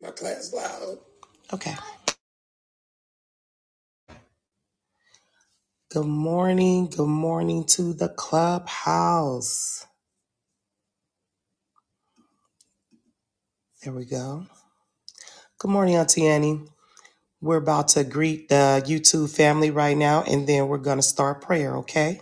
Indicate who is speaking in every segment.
Speaker 1: My class loud. Okay. Good morning. Good morning to the clubhouse. There we go. Good morning, Auntie Annie. We're about to greet the YouTube family right now, and then we're going to start prayer, okay?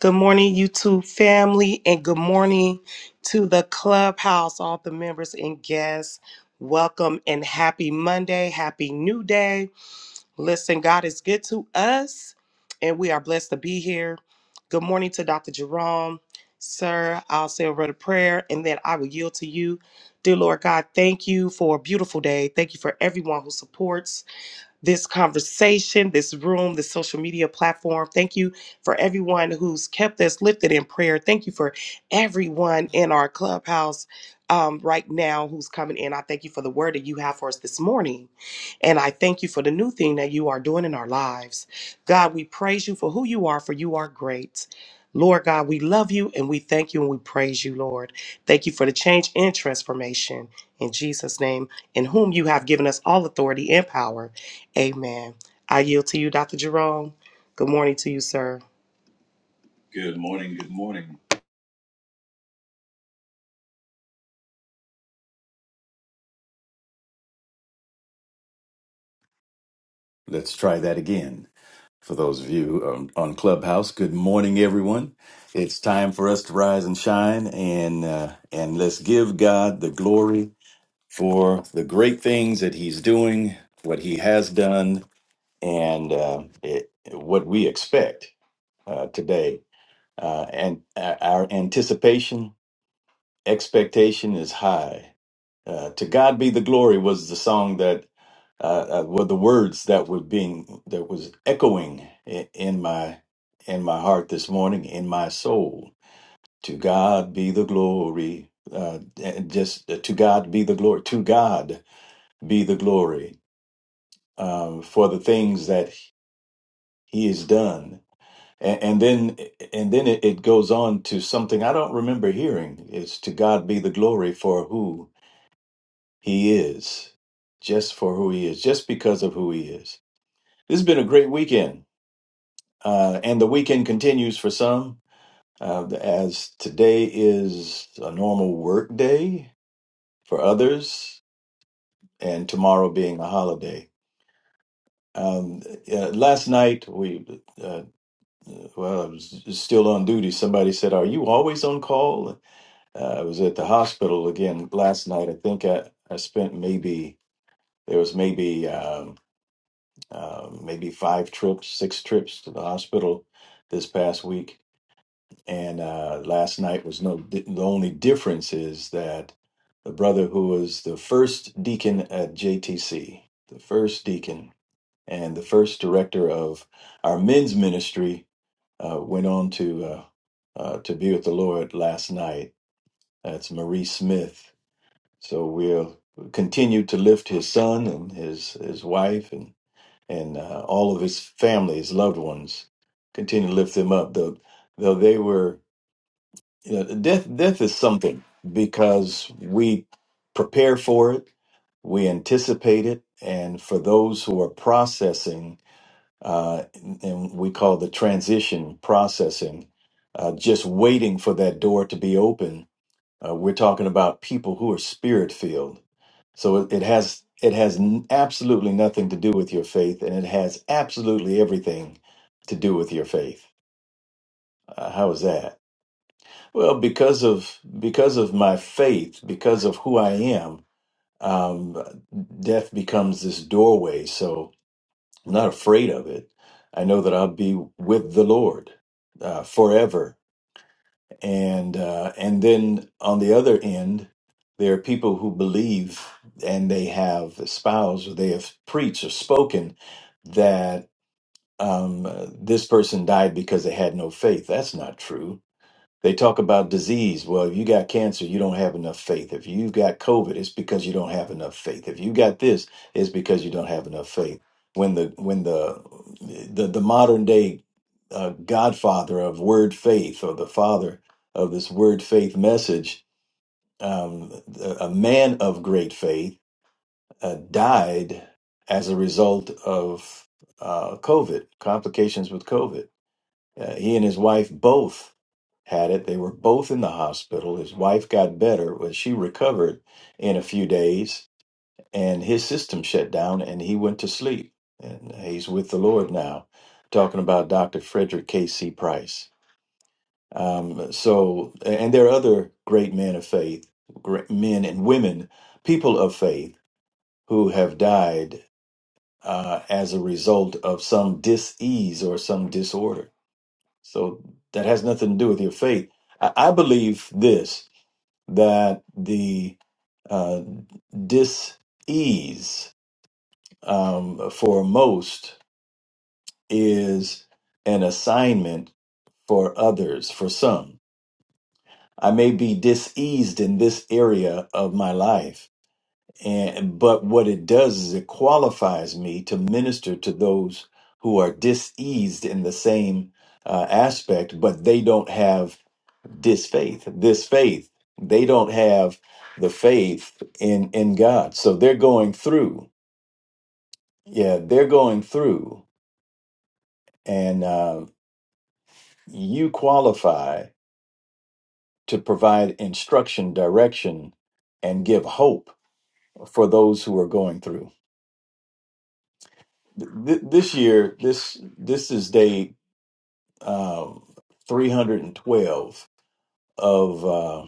Speaker 1: Good morning, YouTube family, and good morning to the clubhouse, all the members and guests. Welcome and happy Monday. Happy new day. Listen, God is good to us, and we are blessed to be here. Good morning to Dr. Jerome. Sir, I'll say a word of prayer and then I will yield to you. Dear Lord God, thank you for a beautiful day. Thank you for everyone who supports this conversation, this room, this social media platform. Thank you for everyone who's kept us lifted in prayer. Thank you for everyone in our clubhouse um, right now who's coming in. I thank you for the word that you have for us this morning. And I thank you for the new thing that you are doing in our lives. God, we praise you for who you are, for you are great. Lord God, we love you and we thank you and we praise you, Lord. Thank you for the change and transformation in Jesus' name, in whom you have given us all authority and power. Amen. I yield to you, Dr. Jerome. Good morning to you, sir. Good morning. Good morning.
Speaker 2: Let's try that again. For those of you on, on Clubhouse, good morning, everyone. It's time for us to rise and shine, and uh, and let's give God the glory for the great things that He's doing, what He has done, and uh, it, what we expect uh, today, uh, and uh, our anticipation expectation is high. Uh, to God be the glory was the song that uh, uh, were the words that were being that was echoing in, in my in my heart this morning in my soul. To God be the glory. Uh, and just uh, to God be the glory. To God be the glory um, for the things that He has done. And, and then and then it, it goes on to something I don't remember hearing. It's to God be the glory for who He is just for who he is, just because of who he is. This has been a great weekend, uh, and the weekend continues for some, uh, as today is a normal work day for others, and tomorrow being a holiday. Um, uh, last night, we, uh, well, I was still on duty. Somebody said, Are you always on call? Uh, I was at the hospital again last night. I think I, I spent maybe, there was maybe. um, uh, maybe five trips, six trips to the hospital this past week. And uh, last night was no, the only difference is that the brother who was the first deacon at JTC, the first deacon and the first director of our men's ministry, uh, went on to uh, uh, to be with the Lord last night. That's Marie Smith. So we'll continue to lift his son and his his wife and and uh, all of his family, his loved ones, continue to lift them up. Though, though they were, you know, death. Death is something because we prepare for it, we anticipate it, and for those who are processing, uh, and we call the transition processing, uh, just waiting for that door to be open. Uh, we're talking about people who are spirit filled so it, it has it has n- absolutely nothing to do with your faith, and it has absolutely everything to do with your faith. Uh, how is that? Well, because of because of my faith, because of who I am, um, death becomes this doorway. So I'm not afraid of it. I know that I'll be with the Lord uh, forever and uh, and then on the other end, there are people who believe and they have espoused or they have preached or spoken that um, this person died because they had no faith. That's not true they talk about disease. Well, if you got cancer, you don't have enough faith. If you've got COVID, it's because you don't have enough faith. If you got this, it's because you don't have enough faith. When the when the the, the modern day uh, godfather of word faith or the father of this word faith message, um, a a man of great faith, uh, died as a result of uh, COVID complications with COVID uh, he and his wife both had it. They were both in the hospital. His wife got better, but she recovered in a few days, and his system shut down, and he went to sleep. And he's with the Lord now, talking about Dr. Frederick K.C. Price. Um, so, and there are other great men of faith, great men and women, people of faith who have died uh, as a result of some disease or some disorder. So that has nothing to do with your faith. I, I believe this that the uh, dis ease um, for most is an assignment for others, for some. I may be diseased in this area of my life, and but what it does is it qualifies me to minister to those who are diseased in the same uh, aspect, but they don't have disfaith this faith they don't have the faith in in god so they're going through yeah they're going through and uh, you qualify to provide instruction direction and give hope for those who are going through Th- th- this year this this is day um, 312 of uh,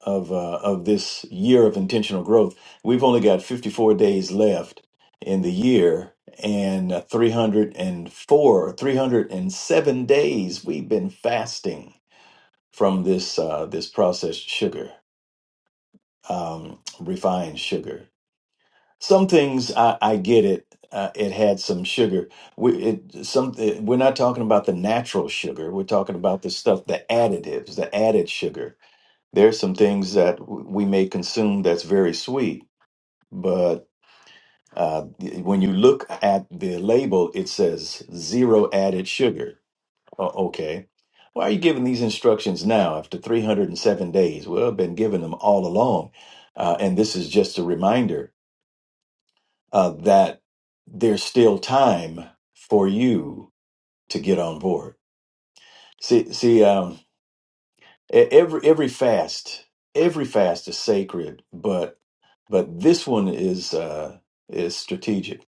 Speaker 2: of uh, of this year of intentional growth. We've only got 54 days left in the year and uh, 304 307 days we've been fasting from this uh, this processed sugar um, refined sugar some things I, I get it uh, it had some sugar we it, some it, we're not talking about the natural sugar we're talking about the stuff the additives the added sugar there's some things that w- we may consume that's very sweet, but uh, when you look at the label, it says zero added sugar. O- okay. Why are you giving these instructions now after 307 days? Well, I've been giving them all along. Uh, and this is just a reminder uh, that there's still time for you to get on board. See, see, um, E- Every every fast, every fast is sacred, but but this one is uh, is strategic.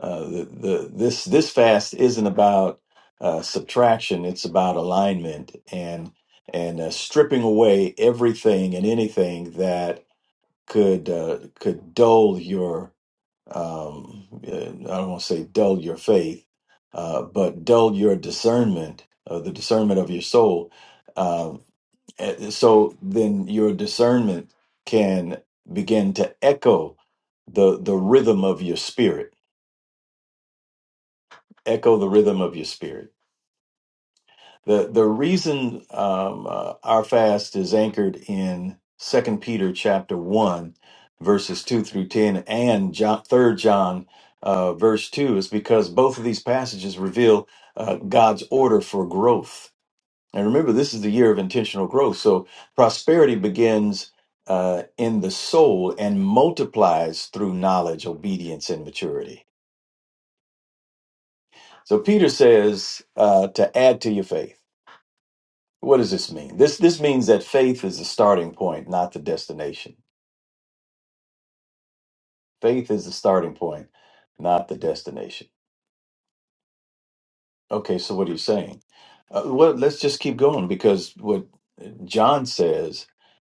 Speaker 2: Uh, the, the this this fast isn't about uh, subtraction; it's about alignment and and uh, stripping away everything and anything that could uh, could dull your um, uh, I don't want to say dull your faith, uh, but dull your discernment, uh, the discernment of your soul Um, and so then your discernment can begin to echo the the rhythm of your spirit echo the rhythm of your spirit the the reason um, uh, our fast is anchored in second peter chapter 1 verses 2 through 10 and john, third john uh, verse 2 is because both of these passages reveal uh, god's order for growth And remember, this is the year of intentional growth. So prosperity begins uh, in the soul and multiplies through knowledge, obedience, and maturity. So Peter says uh, to add to your faith. What does this mean? This this means that faith is the starting point, not the destination. Faith is the starting point, not the destination. Okay, so what are you saying? Uh, well, let's just keep going because what John says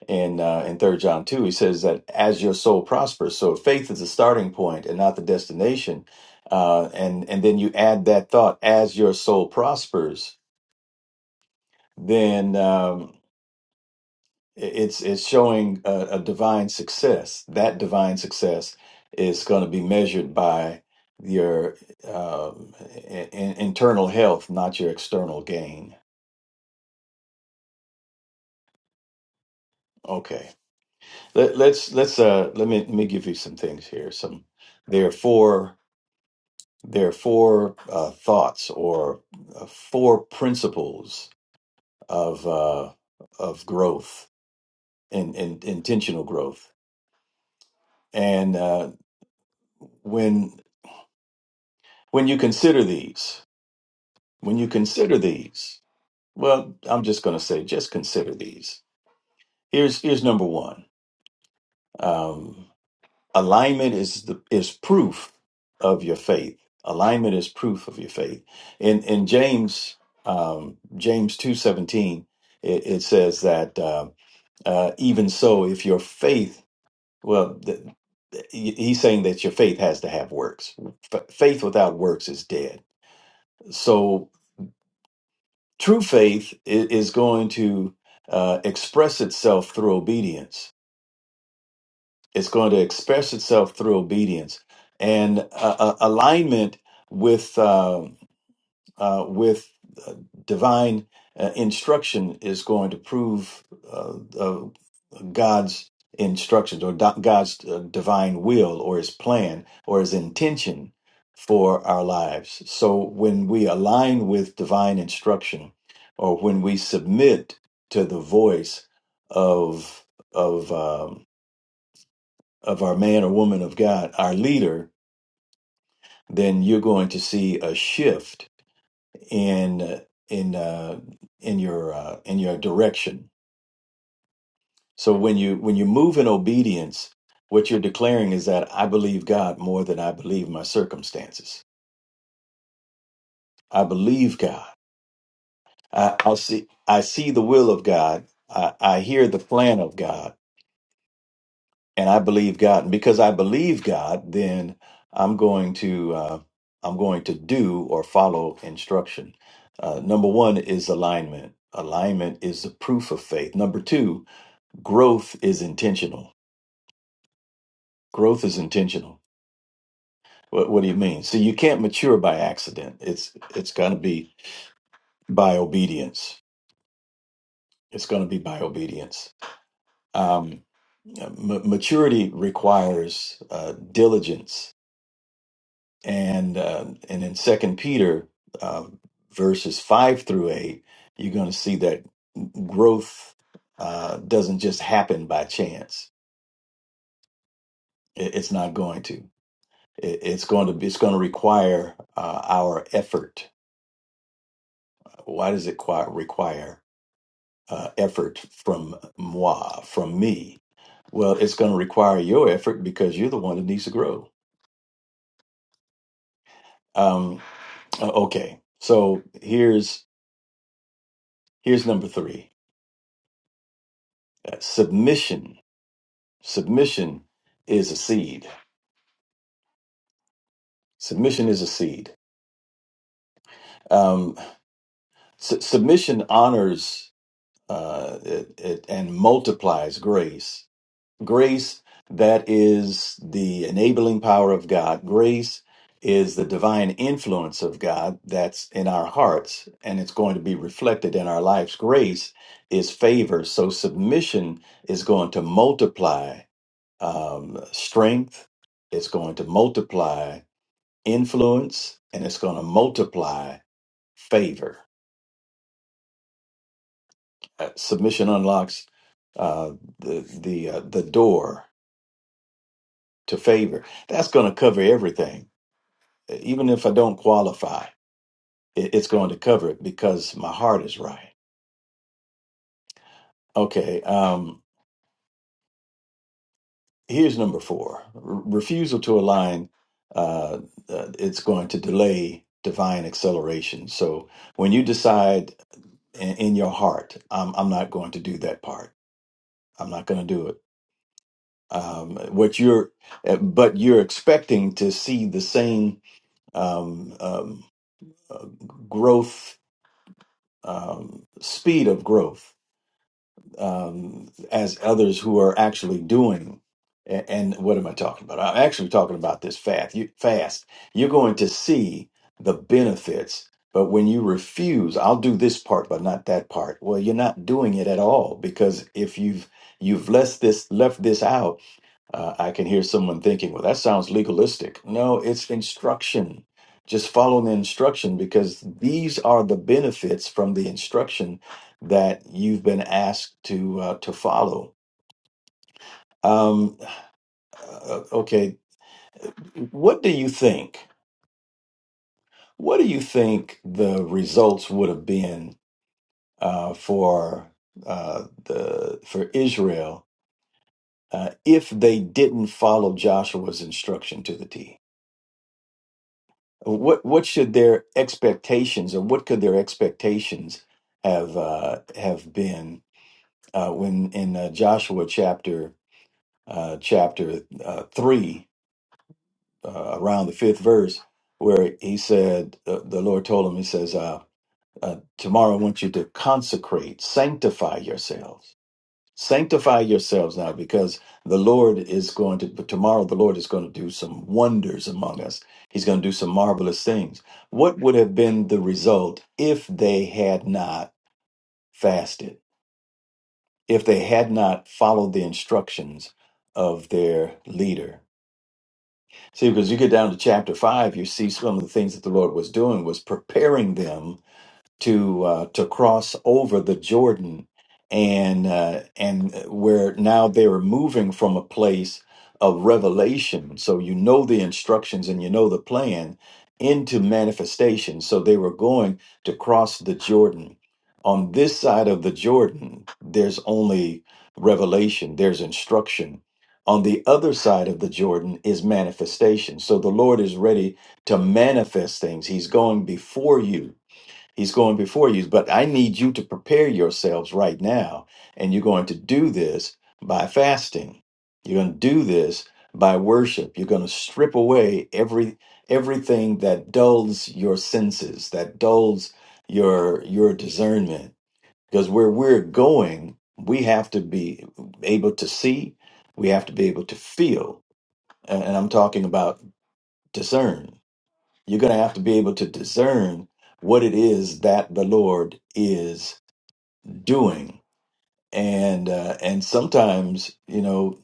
Speaker 2: in uh, in Third John two. He says that as your soul prospers. So faith is the starting point and not the destination. Uh, and and then you add that thought as your soul prospers. Then um, it's it's showing a, a divine success. That divine success is going to be measured by your um, i- i- internal health, not your external gain. Okay, Let, let's let's uh, let me let me give you some things here. Some there are four There are four uh, thoughts or uh, four principles of uh, of growth and, and intentional growth. And uh, when when you consider these, when you consider these, well, I'm just going to say, just consider these. Here's here's number one. Um, alignment is the is proof of your faith alignment is proof of your faith in in james um james 217 it, it says that uh, uh even so if your faith well th- he- he's saying that your faith has to have works F- faith without works is dead so true faith i- is going to uh, express itself through obedience it's going to express itself through obedience and uh, uh, alignment with uh, uh, with uh, divine uh, instruction is going to prove uh, uh, God's instructions or do- God's uh, divine will or His plan or His intention for our lives. So when we align with divine instruction, or when we submit to the voice of of um, of our man or woman of God, our leader, then you're going to see a shift in uh, in uh, in your uh, in your direction. So when you when you move in obedience, what you're declaring is that I believe God more than I believe my circumstances. I believe God. I, I'll see. I see the will of God. I, I hear the plan of God and I believe God. And because I believe God, then I'm going to uh, I'm going to do or follow instruction. Uh, number one is alignment. Alignment is the proof of faith. Number two, growth is intentional. Growth is intentional. What, what do you mean? So you can't mature by accident. It's it's going to be by obedience. It's going to be by obedience. Um, ma- maturity requires uh, diligence and uh, and in Second Peter uh, verses five through eight, you're going to see that growth uh, doesn't just happen by chance. It, it's not going to. It, it's going to. be- It's going to require uh, our effort. Why does it qui- require uh, effort from moi, from me? Well, it's going to require your effort because you're the one that needs to grow. Um, okay, so here's here's number three: uh, submission submission is a seed. Submission is a seed. Um, su- submission honors uh, it, it, and multiplies grace. Grace that is the enabling power of God. Grace is the divine influence of God that's in our hearts and it's going to be reflected in our lives. Grace is favor. So submission is going to multiply um, strength. It's going to multiply influence and it's going to multiply favor. Uh, submission unlocks uh, the the uh, the door to favor. That's going to cover everything, E, even if I don't qualify. It, it's going to cover it because my heart is right. Okay. Um, here's number four: R- refusal to align. Uh, uh, it's going to delay divine acceleration. So when you decide in, in your heart, I'm I'm not going to do that part. I'm not going to do it. um, what you're uh, but you're expecting to see the same um, um, uh, growth um, speed of growth um, as others who are actually doing A- and what am I talking about? I'm actually talking about this fast. You, fast. You're going to see the benefits, but when you refuse, I'll do this part, but not that part. Well, you're not doing it at all because if you've you've left this left this out, uh, I can hear someone thinking, well, that sounds legalistic. No, it's instruction. Just follow the instruction because these are the benefits from the instruction that you've been asked to uh, to follow. Um, uh, uh, okay, what do you think? What do you think the results would have been uh, for uh, the for Israel uh, if they didn't follow Joshua's instruction to the T? What what should their expectations, or what could their expectations have uh, have been uh, when in uh, Joshua chapter uh, chapter uh, three, uh, around the fifth verse, where he said uh, the Lord told him, He says, uh, uh, "Tomorrow I want you to consecrate, sanctify yourselves." Sanctify yourselves now because the Lord is going to, but tomorrow the Lord is going to do some wonders among us. He's going to do some marvelous things. What would have been the result if they had not fasted, if they had not followed the instructions of their leader? See, because you get down to chapter five, you see some of the things that the Lord was doing was preparing them to uh, to cross over the Jordan, and uh, and where now they are moving from a place of revelation. So you know the instructions and you know the plan into manifestation. So they were going to cross the Jordan. On this side of the Jordan, there's only revelation. There's instruction. On the other side of the Jordan is manifestation. So the Lord is ready to manifest things. He's going before you He's going before you, but I need you to prepare yourselves right now. And you're going to do this by fasting. You're going to do this by worship. You're going to strip away every everything that dulls your senses, that dulls your your discernment. Because where we're going, we have to be able to see, we have to be able to feel. And and I'm talking about discern you're going to have to be able to discern what it is that the Lord is doing. And uh, and sometimes, you know,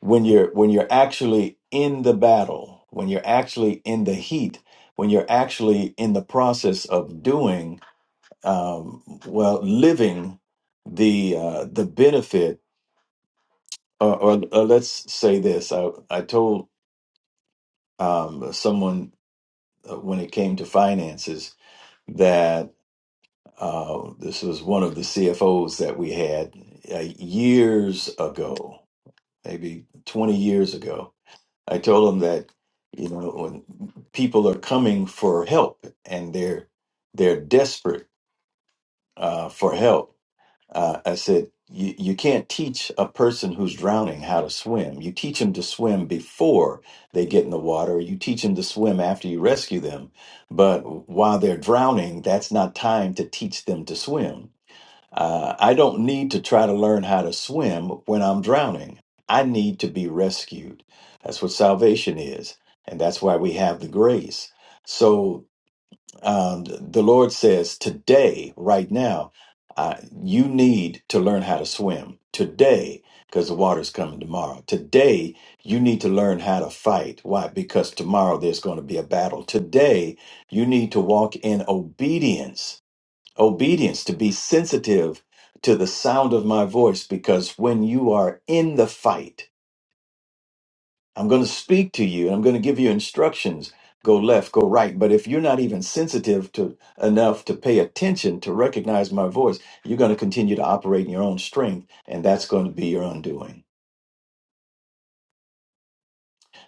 Speaker 2: when you're when you're actually in the battle, when you're actually in the heat, when you're actually in the process of doing, um, well, living the uh, the benefit, or, or, or let's say this: I I told um, someone uh, when it came to finances, that. Uh, this was one of the CFOs that we had uh, years ago, maybe 20 years ago. I told him that, you know, when people are coming for help and they're they're desperate uh, for help, uh, I said, you, you can't teach a person who's drowning how to swim. You teach them to swim before they get in the water. You teach them to swim after you rescue them. But while they're drowning, that's not time to teach them to swim uh, I don't need to try to learn how to swim when I'm drowning. I need to be rescued. That's what salvation is. And that's why we have the grace. So um, the Lord says, today, right now, uh, you need to learn how to swim today because the water's coming tomorrow. Today, you need to learn how to fight. Why? Because tomorrow there's going to be a battle. Today, you need to walk in obedience obedience, to be sensitive to the sound of my voice, because when you are in the fight, I'm going to speak to you and I'm going to give you instructions go left, go right. But if you're not even sensitive to enough to pay attention to recognize my voice, you're going to continue to operate in your own strength, and that's going to be your undoing.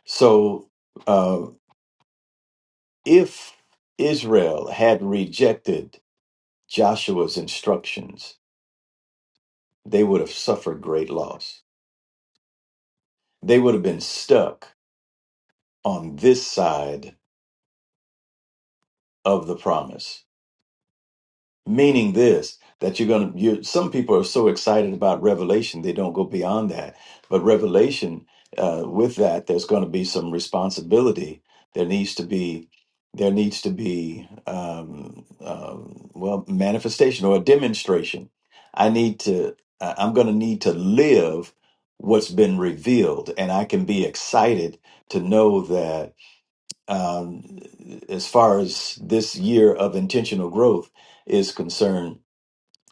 Speaker 2: So uh, if Israel had rejected Joshua's instructions, they would have suffered great loss. They would have been stuck on this side of the promise. Meaning this, that you're going to, you some people are so excited about revelation, they don't go beyond that. But revelation, uh, with that, there's going to be some responsibility. There needs to be, there needs to be, um, um well, manifestation or a demonstration. I need to, I- I'm going to need to live what's been revealed. And I can be excited to know that um, as far as this year of intentional growth is concerned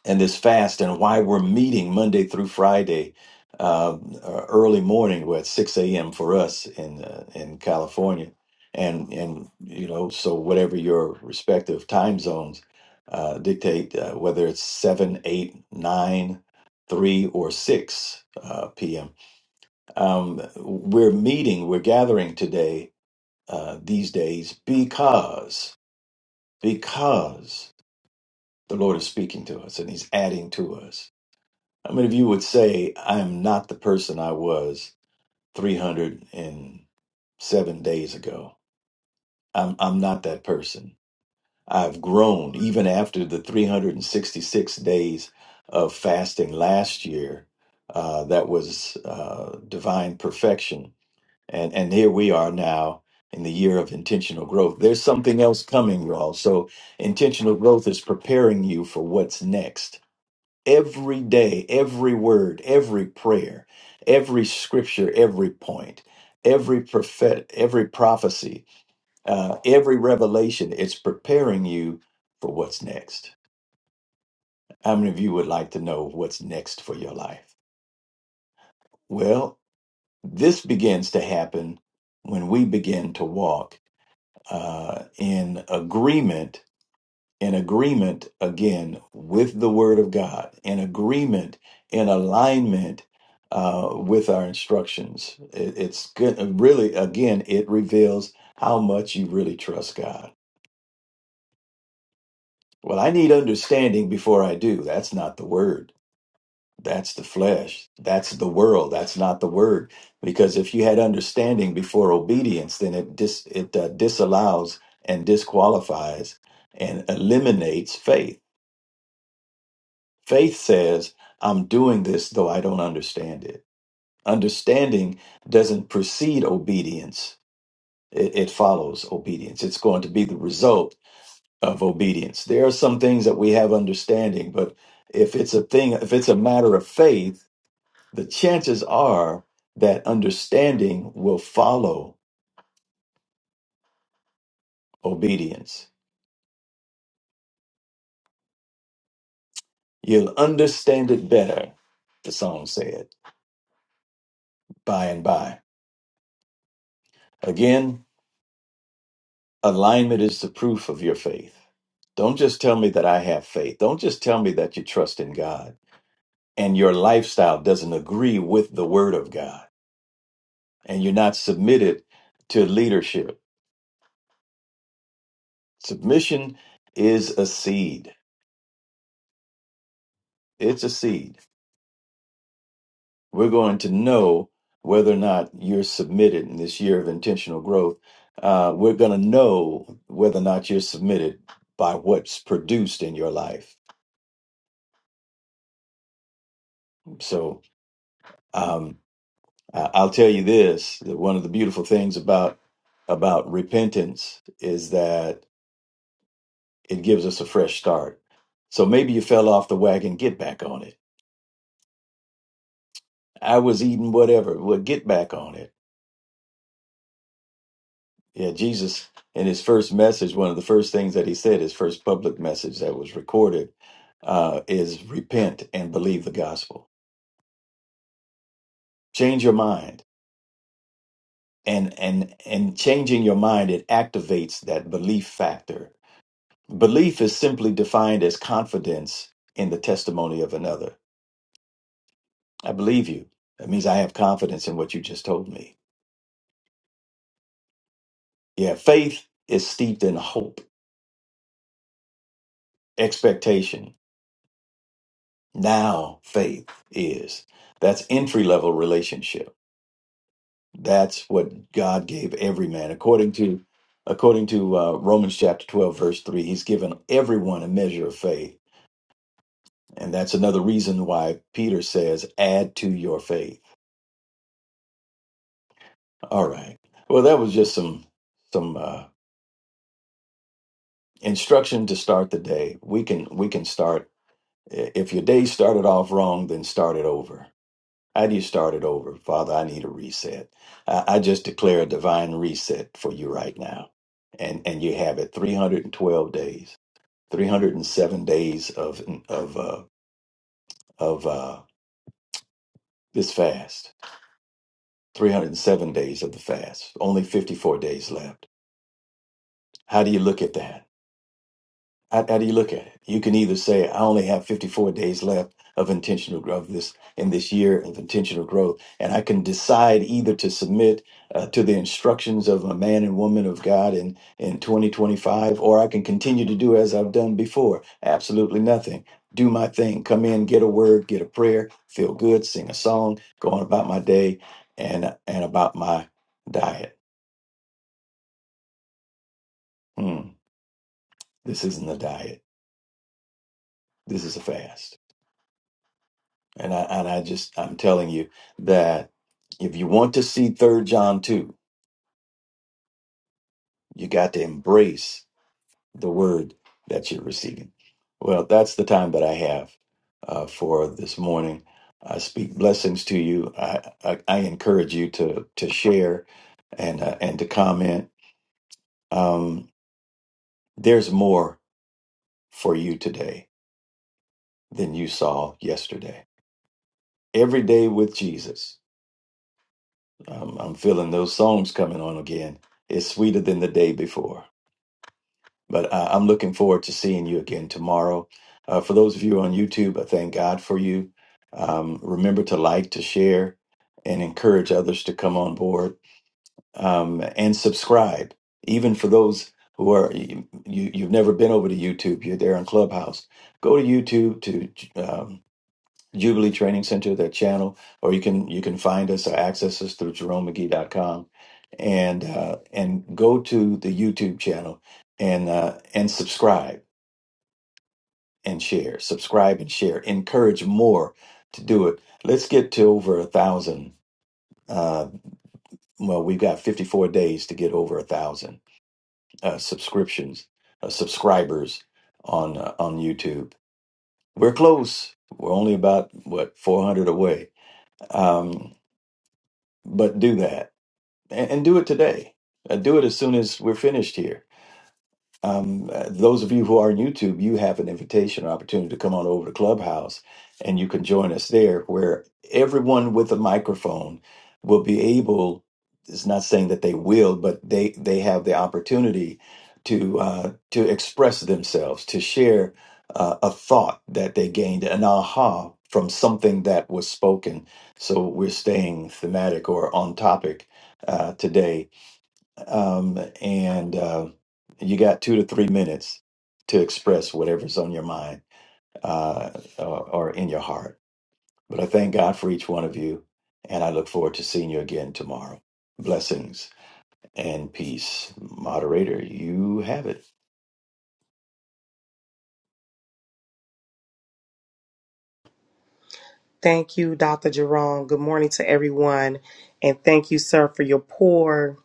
Speaker 2: and this fast and why we're meeting Monday through Friday um, uh, early morning we're at 6 a.m. for us in uh, in California and and you know so whatever your respective time zones uh, dictate uh, whether it's 7, 8, 9, 3 or 6 uh, p.m. Um, we're meeting we're gathering today uh, these days because because the Lord is speaking to us and He's adding to us. How many of you would say, "I am not the person I was 307 days ago. I'm I'm not that person. I've grown even after the 366 days of fasting last year. Uh, that was uh, divine perfection." and and here we are now in the year of intentional growth there's something else coming y'all so intentional growth is preparing you for what's next every day every word every prayer every scripture every point every prophet every prophecy uh, every revelation it's preparing you for what's next how many of you would like to know what's next for your life well this begins to happen when we begin to walk uh, in agreement, in agreement again with the Word of God, in agreement, in alignment uh, with our instructions. It, it's good, uh, really, again, it reveals how much you really trust God. Well, I need understanding before I do. That's not the Word. That's the flesh. That's the world. That's not the word. Because if you had understanding before obedience, then it dis it uh, disallows and disqualifies and eliminates faith. Faith says, "I'm doing this though I don't understand it." Understanding doesn't precede obedience. It, it follows obedience. It's going to be the result of obedience. There are some things that we have understanding, but if it's a thing, if it's a matter of faith the chances are that understanding will follow obedience. You'll understand it better, the song said, by and by. Again, alignment is the proof of your faith. Don't just tell me that I have faith. Don't just tell me that you trust in God and your lifestyle doesn't agree with the word of God and you're not submitted to leadership. Submission is a seed. It's a seed we're going to know whether or not you're submitted in this year of intentional growth. Uh, we're going to know whether or not you're submitted by what's produced in your life. So um, I- I'll tell you this: that one of the beautiful things about about repentance is that it gives us a fresh start. So maybe you fell off the wagon, get back on it. I was eating whatever, well, get back on it Yeah, Jesus, in his first message, one of the first things that he said, his first public message that was recorded, uh, is repent and believe the gospel. Change your mind. And and and changing your mind, it activates that belief factor. Belief is simply defined as confidence in the testimony of another. I believe you. That means I have confidence in what you just told me. Yeah, faith is steeped in hope, expectation, Now faith is. That's entry level relationship. That's what God gave every man according to according to uh, Romans chapter 12 verse 3. He's given everyone a measure of faith. And that's another reason why Peter says add to your faith. All right. Well, that was just some some uh instruction to start the day. We can we can start if your day started off wrong, then start it over I need to start it over. Father, I need a reset. I, I just declare a divine reset for you right now. And and you have it 312 days, 307 days of of uh of uh this fast. 307 days of the fast. Only 54 days left. How do you look at that? How, how do you look at it? You can either say, I only have 54 days left of intentional growth this in this year of intentional growth. And I can decide either to submit uh, to the instructions of a man and woman of God in, in 2025, or I can continue to do as I've done before. Absolutely nothing. Do my thing. Come in, get a word, get a prayer, feel good, sing a song, go on about my day and and about my diet. Hmm, this isn't a diet. This is a fast. And I and I just I'm telling you that if you want to see third John 2, you got to embrace the word that you're receiving. Well, that's the time that I have uh, for this morning. I speak blessings to you. I, I, I encourage you to to share and uh, and to comment. Um, there's more for you today than you saw yesterday. Every day with Jesus. I'm, I'm feeling those songs coming on again. It's sweeter than the day before. But I, I'm looking forward to seeing you again tomorrow. Uh, for those of you on YouTube, I thank God for you. Um, remember to like, to share, and encourage others to come on board um, and subscribe. Even for those who are you, you- you've never been over to YouTube, you're there on Clubhouse. Go to YouTube to. um, Jubilee Training Center, their channel, or you can you can find us or access us through jeromemcgee.com and uh, and go to the YouTube channel and uh, and subscribe and share, subscribe and share. Encourage more to do it. Let's get to over a thousand. Uh, well, we've got 54 days to get over a thousand uh, subscriptions, uh, subscribers on uh, on YouTube. We're close. We're only about what 400 away. Um, but do that and, and do it today. Uh, do it as soon as we're finished here. Um, uh, those of you who are on YouTube, you have an invitation or opportunity to come on over to Clubhouse and you can join us there where everyone with a microphone will be able, it's not saying that they will, but they, they have the opportunity to, uh, to express themselves, to share uh, a thought that they gained, an aha from something that was spoken. So we're staying thematic or on topic uh, today um, and uh, you got two to three minutes to express whatever's on your mind uh, or, or in your heart. But I thank God for each one of you, and I look forward to seeing you again tomorrow. Blessings and peace. Moderator, you have it.
Speaker 1: Thank you, Dr. Jerome. Good morning to everyone. And thank you, sir, for your pour.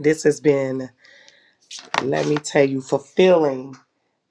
Speaker 1: This has been, let me tell you, fulfilling.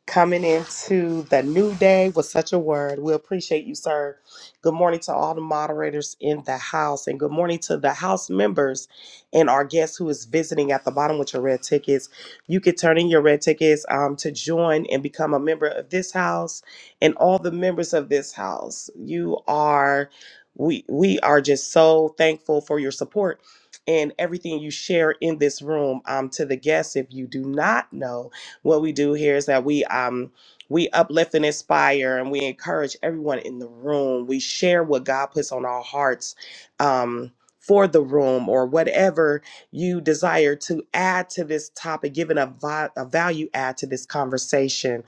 Speaker 1: coming into the new day with such a word. We appreciate you, sir. Good morning to all the moderators in the house, and good morning to the house members and our guest who is visiting at the bottom with your red tickets. You could turn in your red tickets um, to join and become a member of this house and all the members of this house. You are. We, we are just so thankful for your support and everything you share in this room um, to the guests if you do not know what we do here is that we um we uplift and inspire and we encourage everyone in the room. We share what God puts on our hearts um for the room or whatever you desire to add to this topic, giving a, vi- a value add to this conversation.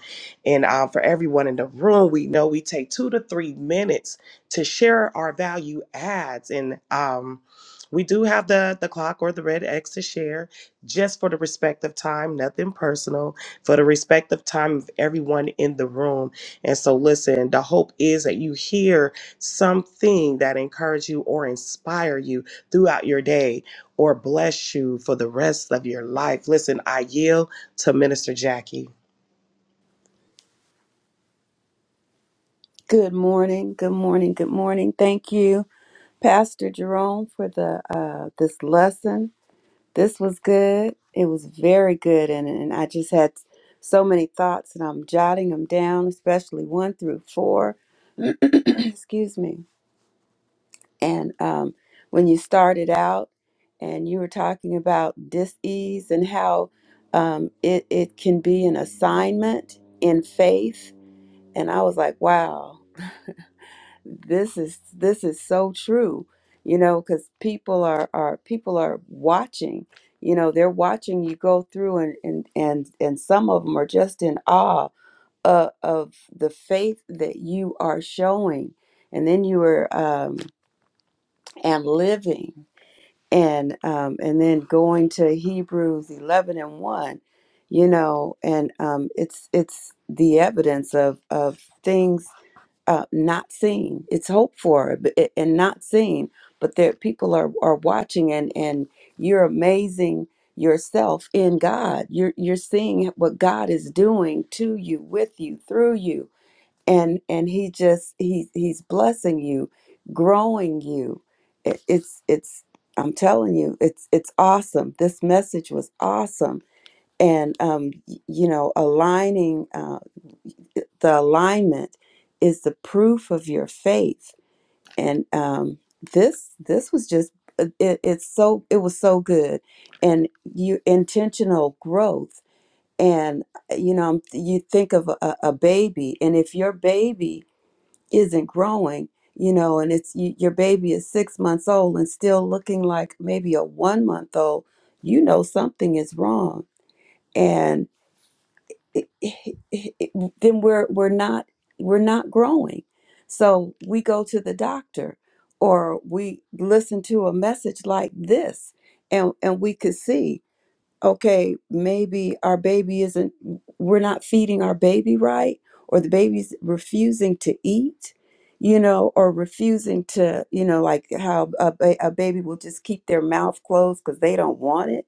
Speaker 1: And uh, for everyone in the room, we know we take two to three minutes to share our value adds. And um, we do have the, the clock or the red X to share just for the respect of time, nothing personal for the respective time of everyone in the room. And so, listen, the hope is that you hear something that encourage you or inspire you throughout your day or bless you for the rest of your life. Listen, I yield to Minister Jackie.
Speaker 3: Good morning. Good morning. Good morning. Thank you, Pastor Jerome, for the uh, this lesson. This was good. It was very good, and and I just had so many thoughts, and I'm jotting them down, especially one through four. Excuse me. And um, when you started out, and you were talking about dis-ease and how um, it it can be an assignment in faith, and I was like, wow this is this is so true you know because people are are people are watching you know they're watching you go through and and and, and some of them are just in awe uh, of the faith that you are showing and then you are um and living and um and then going to hebrews 11 and 1 you know and um it's it's the evidence of of things uh, not seen. It's hoped for but it- and not seen, but there people are are watching, and and you're amazing yourself in God. You're you're seeing what God is doing to you, with you, through you, and and He just He He's blessing you, growing you. It, it's it's I'm telling you, it's it's awesome. This message was awesome, and um, y- you know, aligning. um, the alignment is the proof of your faith and um this this was just uh, it, it's so it was so good and you intentional growth and uh, you know you think of a, a baby and if your baby isn't growing you know and it's you, your baby is six months old and still looking like maybe a one month old you know something is wrong and it- it- it- it- then we're we're not we're not growing. So we go to the doctor or we listen to a message like this and and we could see okay maybe our baby isn't we're not feeding our baby right or the baby's refusing to eat you know or refusing to you know like how a, ba- a baby will just keep their mouth closed because they don't want it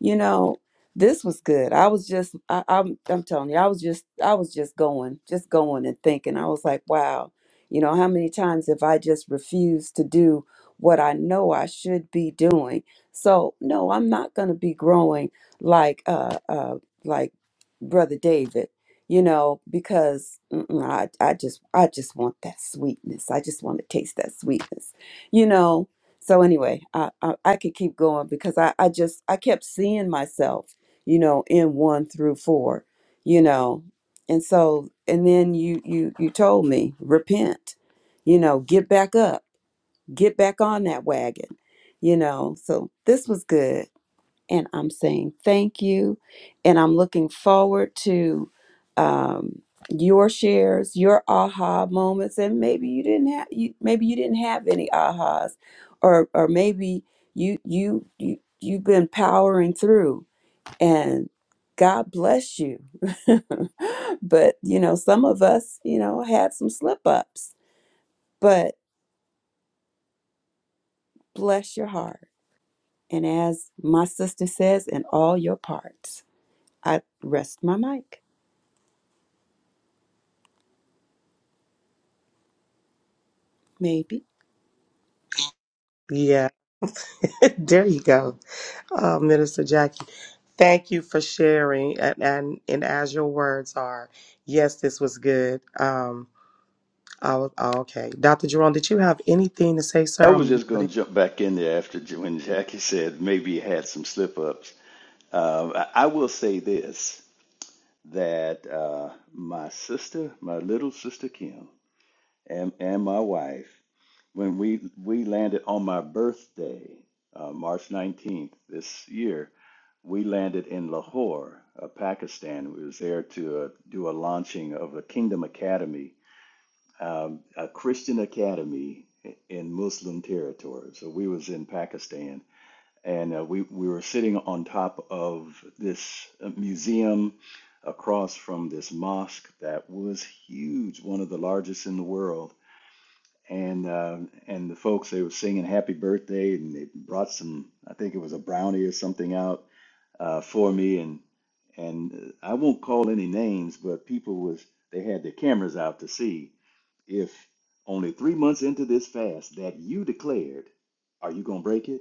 Speaker 3: you know, this was good. I was just, I, I'm, I'm telling you, I was just, I was just going, just going and thinking. I was like, wow, you know, how many times have I just refused to do what I know I should be doing? So no, I'm not going to be growing like, uh, uh, like brother David, you know, because mm-mm, I, I just, I just want that sweetness. I just want to taste that sweetness, you know so anyway i i, I could keep going because I, I just i kept seeing myself you know in one through four you know and so and then you you you told me repent you know get back up get back on that wagon you know so this was good and I'm saying thank you. And I'm looking forward to um, your shares, your aha moments, and maybe you didn't have you maybe you didn't have any ahas, or or maybe you you you you've been powering through and God bless you. but you know, some of us, you know, had some slip ups, but bless your heart. And as my sister says, in all your parts, I rest my mic. Maybe.
Speaker 1: Yeah, there you go, uh, Minister Jackie. Thank you for sharing, and, and and as your words are, yes, this was good. Um, I was, oh, okay, Dr. Jerome, did you have anything to say,
Speaker 2: I
Speaker 1: sir?
Speaker 2: was
Speaker 1: I'm
Speaker 2: just going to jump back in there after J- when Jackie said maybe you had some slip ups. Um, I, I will say this that uh, my sister, my little sister Kim, and, and my wife. when we we landed on my birthday, uh, March 19th this year, we landed in Lahore, uh, Pakistan. We was there to uh, do a launching of a Kingdom Academy, um, a Christian academy in Muslim territory. So we was in Pakistan, and uh, we we were sitting on top of this uh, museum across from this mosque that was huge, one of the largest in the world and uh, and the folks they were singing happy birthday and they brought some i think it was a brownie or something out uh, for me and and uh, i won't call any names but people was they had their cameras out to see if only three months into this fast that you declared are you going to break it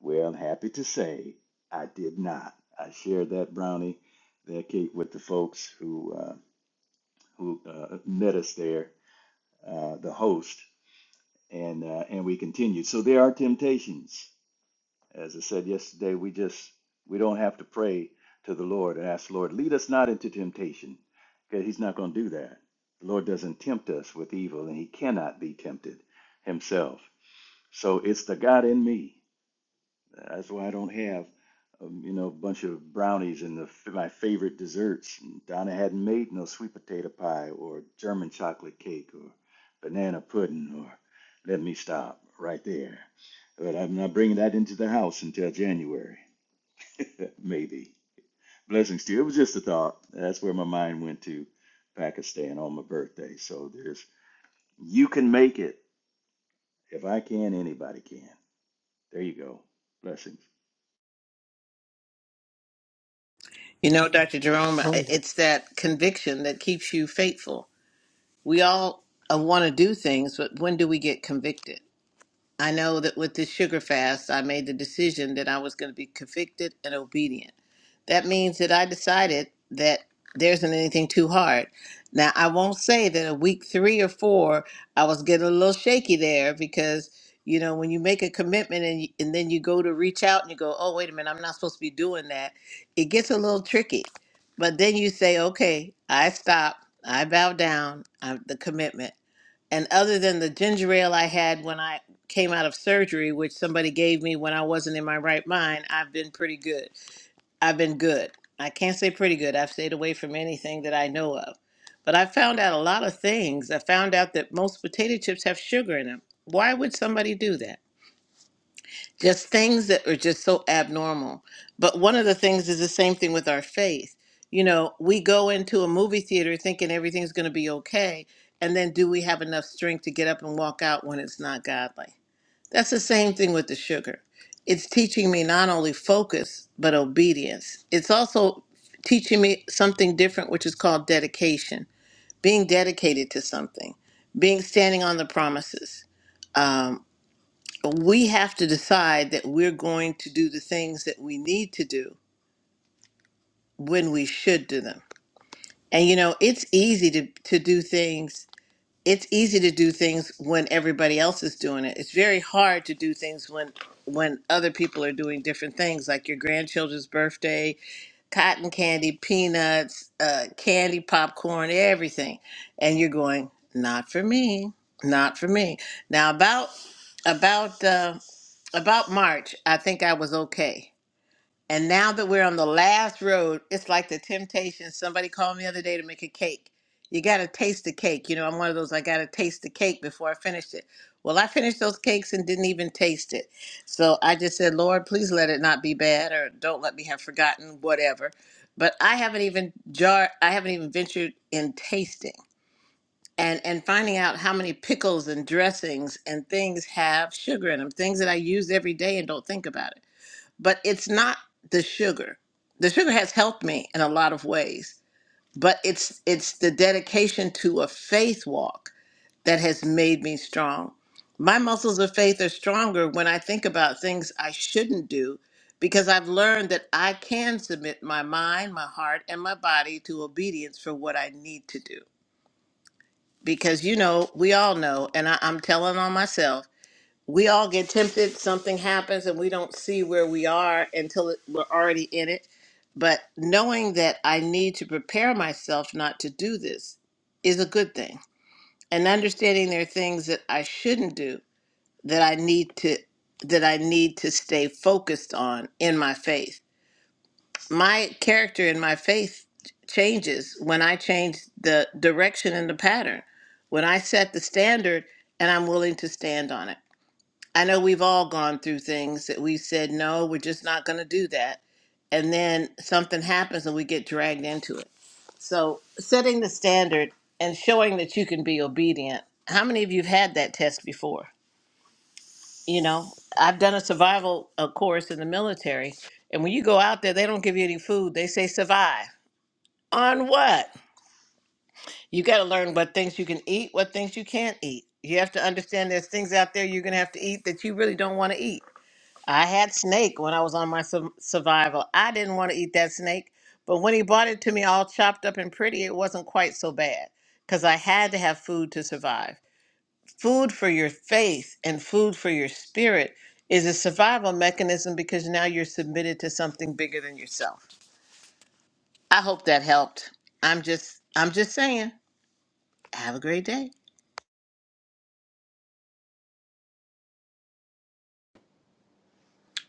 Speaker 2: well i'm happy to say i did not i shared that brownie that cake with the folks who uh, who uh, met us there uh, the host and uh, and we continue. So there are temptations. As I said yesterday, we just we don't have to pray to the Lord and ask the Lord, lead us not into temptation, because He's not going to do that. The Lord doesn't tempt us with evil, and He cannot be tempted Himself. So it's the God in me. That's why I don't have, um, you know, a bunch of brownies and the, my favorite desserts. Donna hadn't made no sweet potato pie or German chocolate cake or banana pudding or let me stop right there. But I'm not bringing that into the house until January, maybe. Blessings to you. It was just a thought. That's where my mind went to Pakistan on my birthday. So there's, you can make it. If I can, anybody can. There you go. Blessings.
Speaker 4: You know, Dr. Jerome,
Speaker 1: yielding.
Speaker 4: it's that conviction that keeps you faithful. We all uh, want to do things, but when do we get convicted? I know that with this sugar fast, I made the decision that I was going to be convicted and obedient that means that I decided that there isn't anything too hard. Now, I won't say that a week three or four, I was getting a little shaky there because, you know, when you make a commitment and, y- and then you go to reach out and you go, oh, wait a minute, I'm not supposed to be doing that, it gets a little tricky. But then you say, okay, I stop, I bow down, I'm the commitment. And other than the ginger ale I had when I came out of surgery, which somebody gave me when I wasn't in my right mind, I've been pretty good. I've been good. I can't say pretty good. I've stayed away from anything that I know of. But I found out a lot of things. I found out that most potato chips have sugar in them. Why would somebody do that? Just things that are just so abnormal. But one of the things is the same thing with our faith. You know, we go into a movie theater thinking everything's going to be okay. And then do we have enough strength to get up and walk out when it's not godly? That's the same thing with the sugar. It's teaching me not only focus, but obedience. It's also teaching me something different, which is called dedication, being dedicated to something, being standing on the promises. Um, we have to decide that we're going to do the things that we need to do when we should do them. And you know, it's easy to, to do things it's easy to do things when everybody else is doing it. It's very hard to do things when when other people are doing different things, like your grandchildren's birthday, cotton candy, peanuts, uh, candy, popcorn, everything, and you're going, not for me, not for me. Now about about uh, about March, I think I was okay and now that we're on the last road, it's like the temptation. Somebody called me the other day to make a cake. You got to taste the cake. You know, I'm one of those, I got to taste the cake before I finish it. Well, I finished those cakes and didn't even taste it. So I just said, Lord, please let it not be bad or don't let me have forgotten, whatever. But I haven't even jar, I haven't even ventured in tasting and, and finding out how many pickles and dressings and things have sugar in them, things that I use every day and don't think about it but it's not the sugar. The sugar has helped me in a lot of ways, but it's it's the dedication to a faith walk that has made me strong. My muscles of faith are stronger when I think about things I shouldn't do because I've learned that I can submit my mind, my heart, and my body to obedience for what I need to do. Because you know, we all know, and I, I'm telling on myself we all get tempted something happens and we don't see where we are until it, we're already in it but knowing that i need to prepare myself not to do this is a good thing and understanding there are things that i shouldn't do that i need to that i need to stay focused on in my faith my character in my faith changes when i change the direction and the pattern when i set the standard and i'm willing to stand on it I know we've all gone through things that we said, no, we're just not going to do that. And then something happens and we get dragged into it. So, setting the standard and showing that you can be obedient. How many of you have had that test before? You know, I've done a survival uh, course in the military. And when you go out there, they don't give you any food. They say survive. On what? You got to learn what things you can eat, what things you can't eat. You have to understand there's things out there you're going to have to eat that you really don't want to eat I had snake when I was on my su- survival. I didn't want to eat that snake, but when he brought it to me all chopped up and pretty, it wasn't quite so bad because I had to have food to survive. Food for your faith and food for your spirit is a survival mechanism because now you're submitted to something bigger than yourself. I hope that helped. I'm just I'm just saying, have a great day.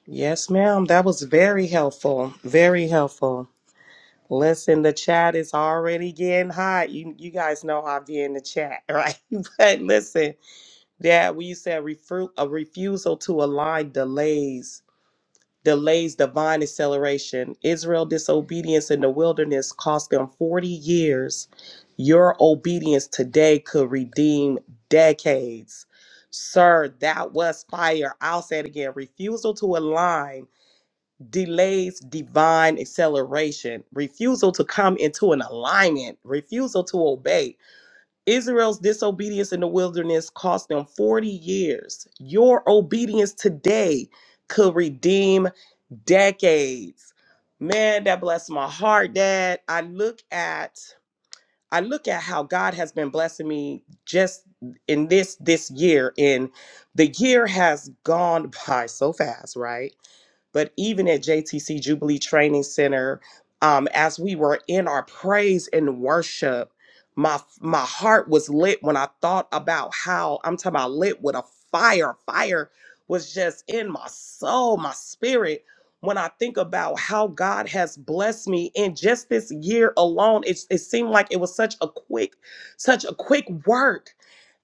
Speaker 1: Yes, ma'am. That was very helpful. Very helpful. Listen, the chat is already getting hot. You you guys know how I be in the chat, right? But listen, yeah, we you said refu- a refusal to align delays, delays divine acceleration. Israel disobedience in the wilderness cost them 40 years. Your obedience today could redeem decades. Sir, that was fire. I'll say it again. Refusal to align delays divine acceleration, refusal to come into an alignment, refusal to obey. Israel's disobedience in the wilderness cost them 40 years. Your obedience today could redeem decades. Man, that blessed my heart, Dad. I look at I look at how God has been blessing me just in this this year and the year has gone by so fast, right? but even at JTC Jubilee Training Center, um, as we were in our praise and worship, my my heart was lit when I thought about how I'm talking about lit with a fire. Fire was just in my soul, my spirit. When I think about how God has blessed me in just this year alone, it it seemed like it was such a quick, such a quick work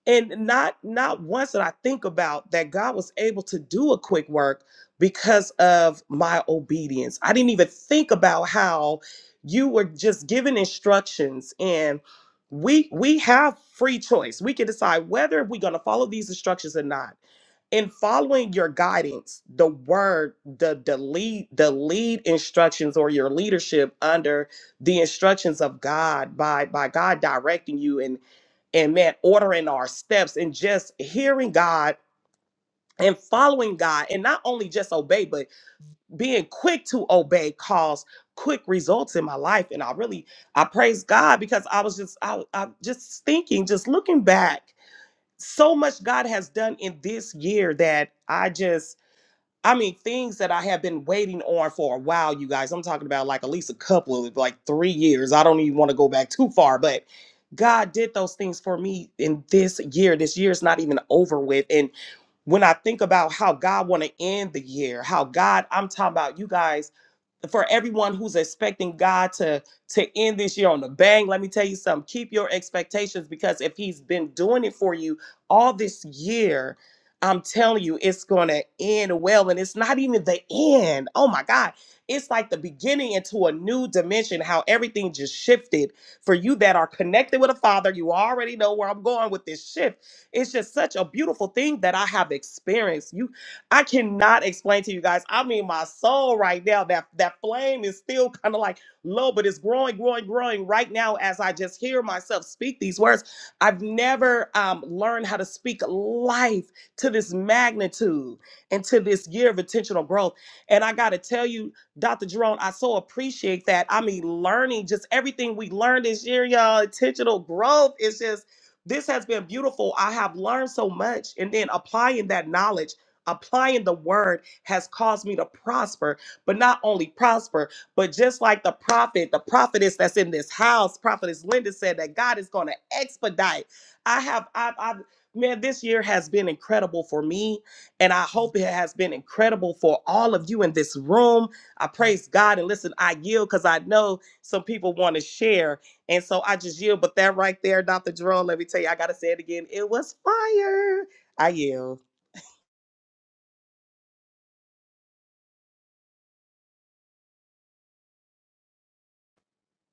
Speaker 1: and not not once did i think about that god was able to do a quick work because of my obedience i didn't even think about how you were just given instructions and we we have free choice we can decide whether we're going to follow these instructions or not in following your guidance the word the the lead the lead instructions or your leadership under the instructions of god by by god directing you and and man, ordering our steps and just hearing God and following God and not only just obey, but being quick to obey caused quick results in my life. And I really I praise God because I was just I, I'm just thinking, just looking back, so much God has done in this year that I just I mean, things that I have been waiting on for a while, you guys. I'm talking about like at least a couple of like three years. I don't even want to go back too far, but God did those things for me in this year. This year is not even over with. and when I think about how God want to end the year, how God, I'm talking about you guys, for everyone who's expecting God to to end this year on a bang, let me tell you something. Keep your expectations because if He's been doing it for you all this year, I'm telling you, it's going to end well, and it's not even the end. Oh my God. It's like the beginning into a new dimension, how everything just shifted. For you that are connected with a father, you already know where I'm going with this shift it's just such a beautiful thing that I have experienced. You, I cannot explain to you guys. I mean, my soul right now, that that flame is still kind of like low, but it's growing, growing, growing right now as I just hear myself speak these words. I've never um, learned how to speak life to this magnitude and to this year of intentional growth. And I got to tell you, Dr. Jerome, I so appreciate that. I mean, learning just everything we learned this year, y'all. Intentional growth is just this has been beautiful. I have learned so much. And then applying that knowledge, applying the word has caused me to prosper, but not only prosper, but just like the prophet, the prophetess that's in this house, prophetess Linda said that God is going to expedite. I have, I've, I've, man, this year has been incredible for me. And I hope it has been incredible for all of you in this room. I praise God. And listen, I yield because I know some people want to share. And so I just yield. But that right there, Dr. Jerome, let me tell you, I gotta say it again. It was fire. I yield.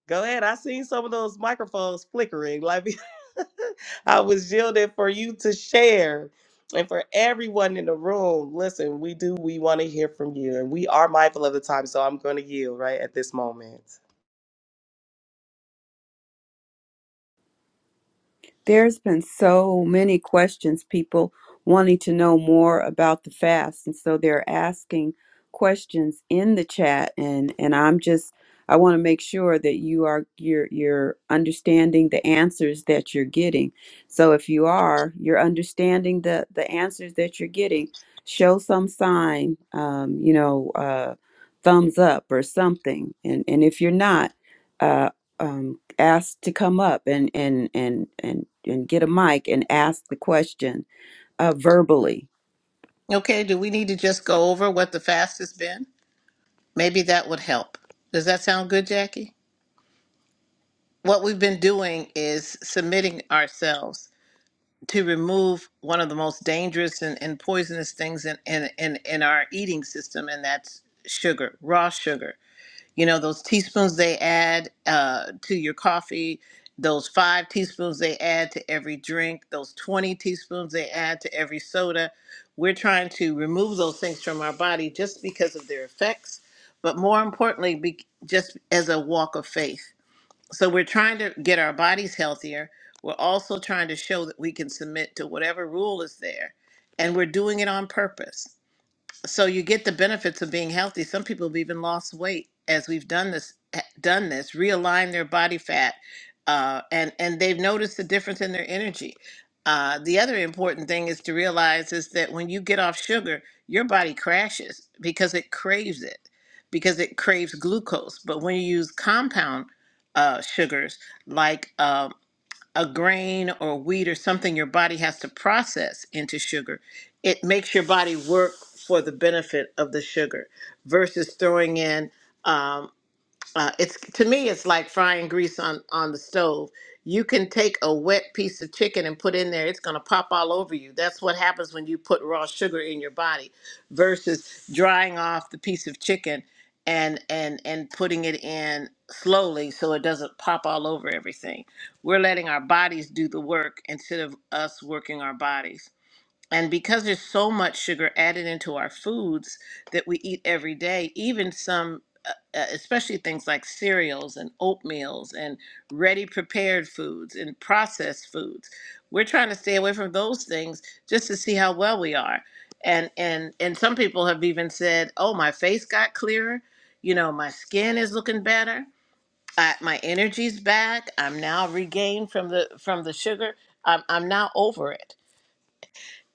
Speaker 1: Go ahead. I seen some of those microphones flickering. Like I was yielding for you to share. And for everyone in the room, listen, we do we want to hear from you. And we are mindful of the time. So I'm gonna yield right at this moment.
Speaker 3: There's been so many questions, people wanting to know more about the fast. And so they're asking questions in the chat and and I'm just I want to make sure that you are you're you're understanding the answers that you're getting. So if you are, you're understanding the the answers that you're getting. Show some sign, um, you know, uh, thumbs up or something. And and if you're not, uh, um, asked to come up and and and and and get a mic and ask the question uh, verbally.
Speaker 4: Okay, do we need to just go over what the fast has been? Maybe that would help. Does that sound good, Jackie? what we've been doing is submitting ourselves to remove one of the most dangerous and, and poisonous things in, in, in, in our eating system, and that's sugar, raw sugar. You know, those teaspoons they add uh, to your coffee, those five teaspoons they add to every drink, those 20 teaspoons they add to every soda. We're trying to remove those things from our body just because of their effects, but more importantly, be, just as a walk of faith so we're trying to get our bodies healthier. We're also trying to show that we can submit to whatever rule is there. And we're doing it on purpose so you get the benefits of being healthy. Some people have even lost weight as we've done this, eh, done this, realign their body fat, uh, and and they've noticed the difference in their energy. Uh, the other important thing is to realize is that when you get off sugar, your body crashes because it craves it, because it craves glucose. But when you use compound uh, sugars like uh, a grain or wheat or something your body has to process into sugar, it makes your body work for the benefit of the sugar versus throwing in um, uh, it's to me it's like frying grease on on the stove you can take a wet piece of chicken and put in there it's going to pop all over you that's what happens when you put raw sugar in your body versus drying off the piece of chicken and and and putting it in slowly so it doesn't pop all over everything we're letting our bodies do the work instead of us working our bodies and because there's so much sugar added into our foods that we eat every day, even some, uh, uh, especially things like cereals and oatmeals and ready prepared foods and processed foods, we're trying to stay away from those things just to see how well we are. And and and some people have even said, "Oh, my face got clearer. You know, my skin is looking better. I, my energy's back. I'm now regained from the from the sugar. I'm I'm now over it."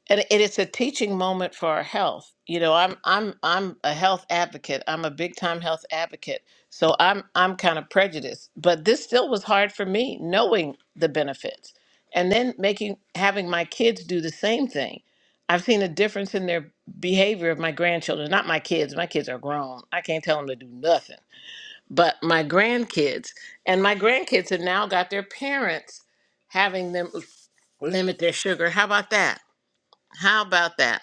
Speaker 4: And it is a teaching moment for our health. You know, I'm I'm I'm a health advocate. I'm a big time health advocate. So I'm I'm kind of prejudiced. But this still was hard for me, knowing the benefits. And then making having my kids do the same thing. I've seen a difference in their behavior of my grandchildren, not my kids. My kids are grown. I can't tell them to do nothing. But my grandkids and my grandkids have now got their parents having them limit their sugar. How about that? How about that?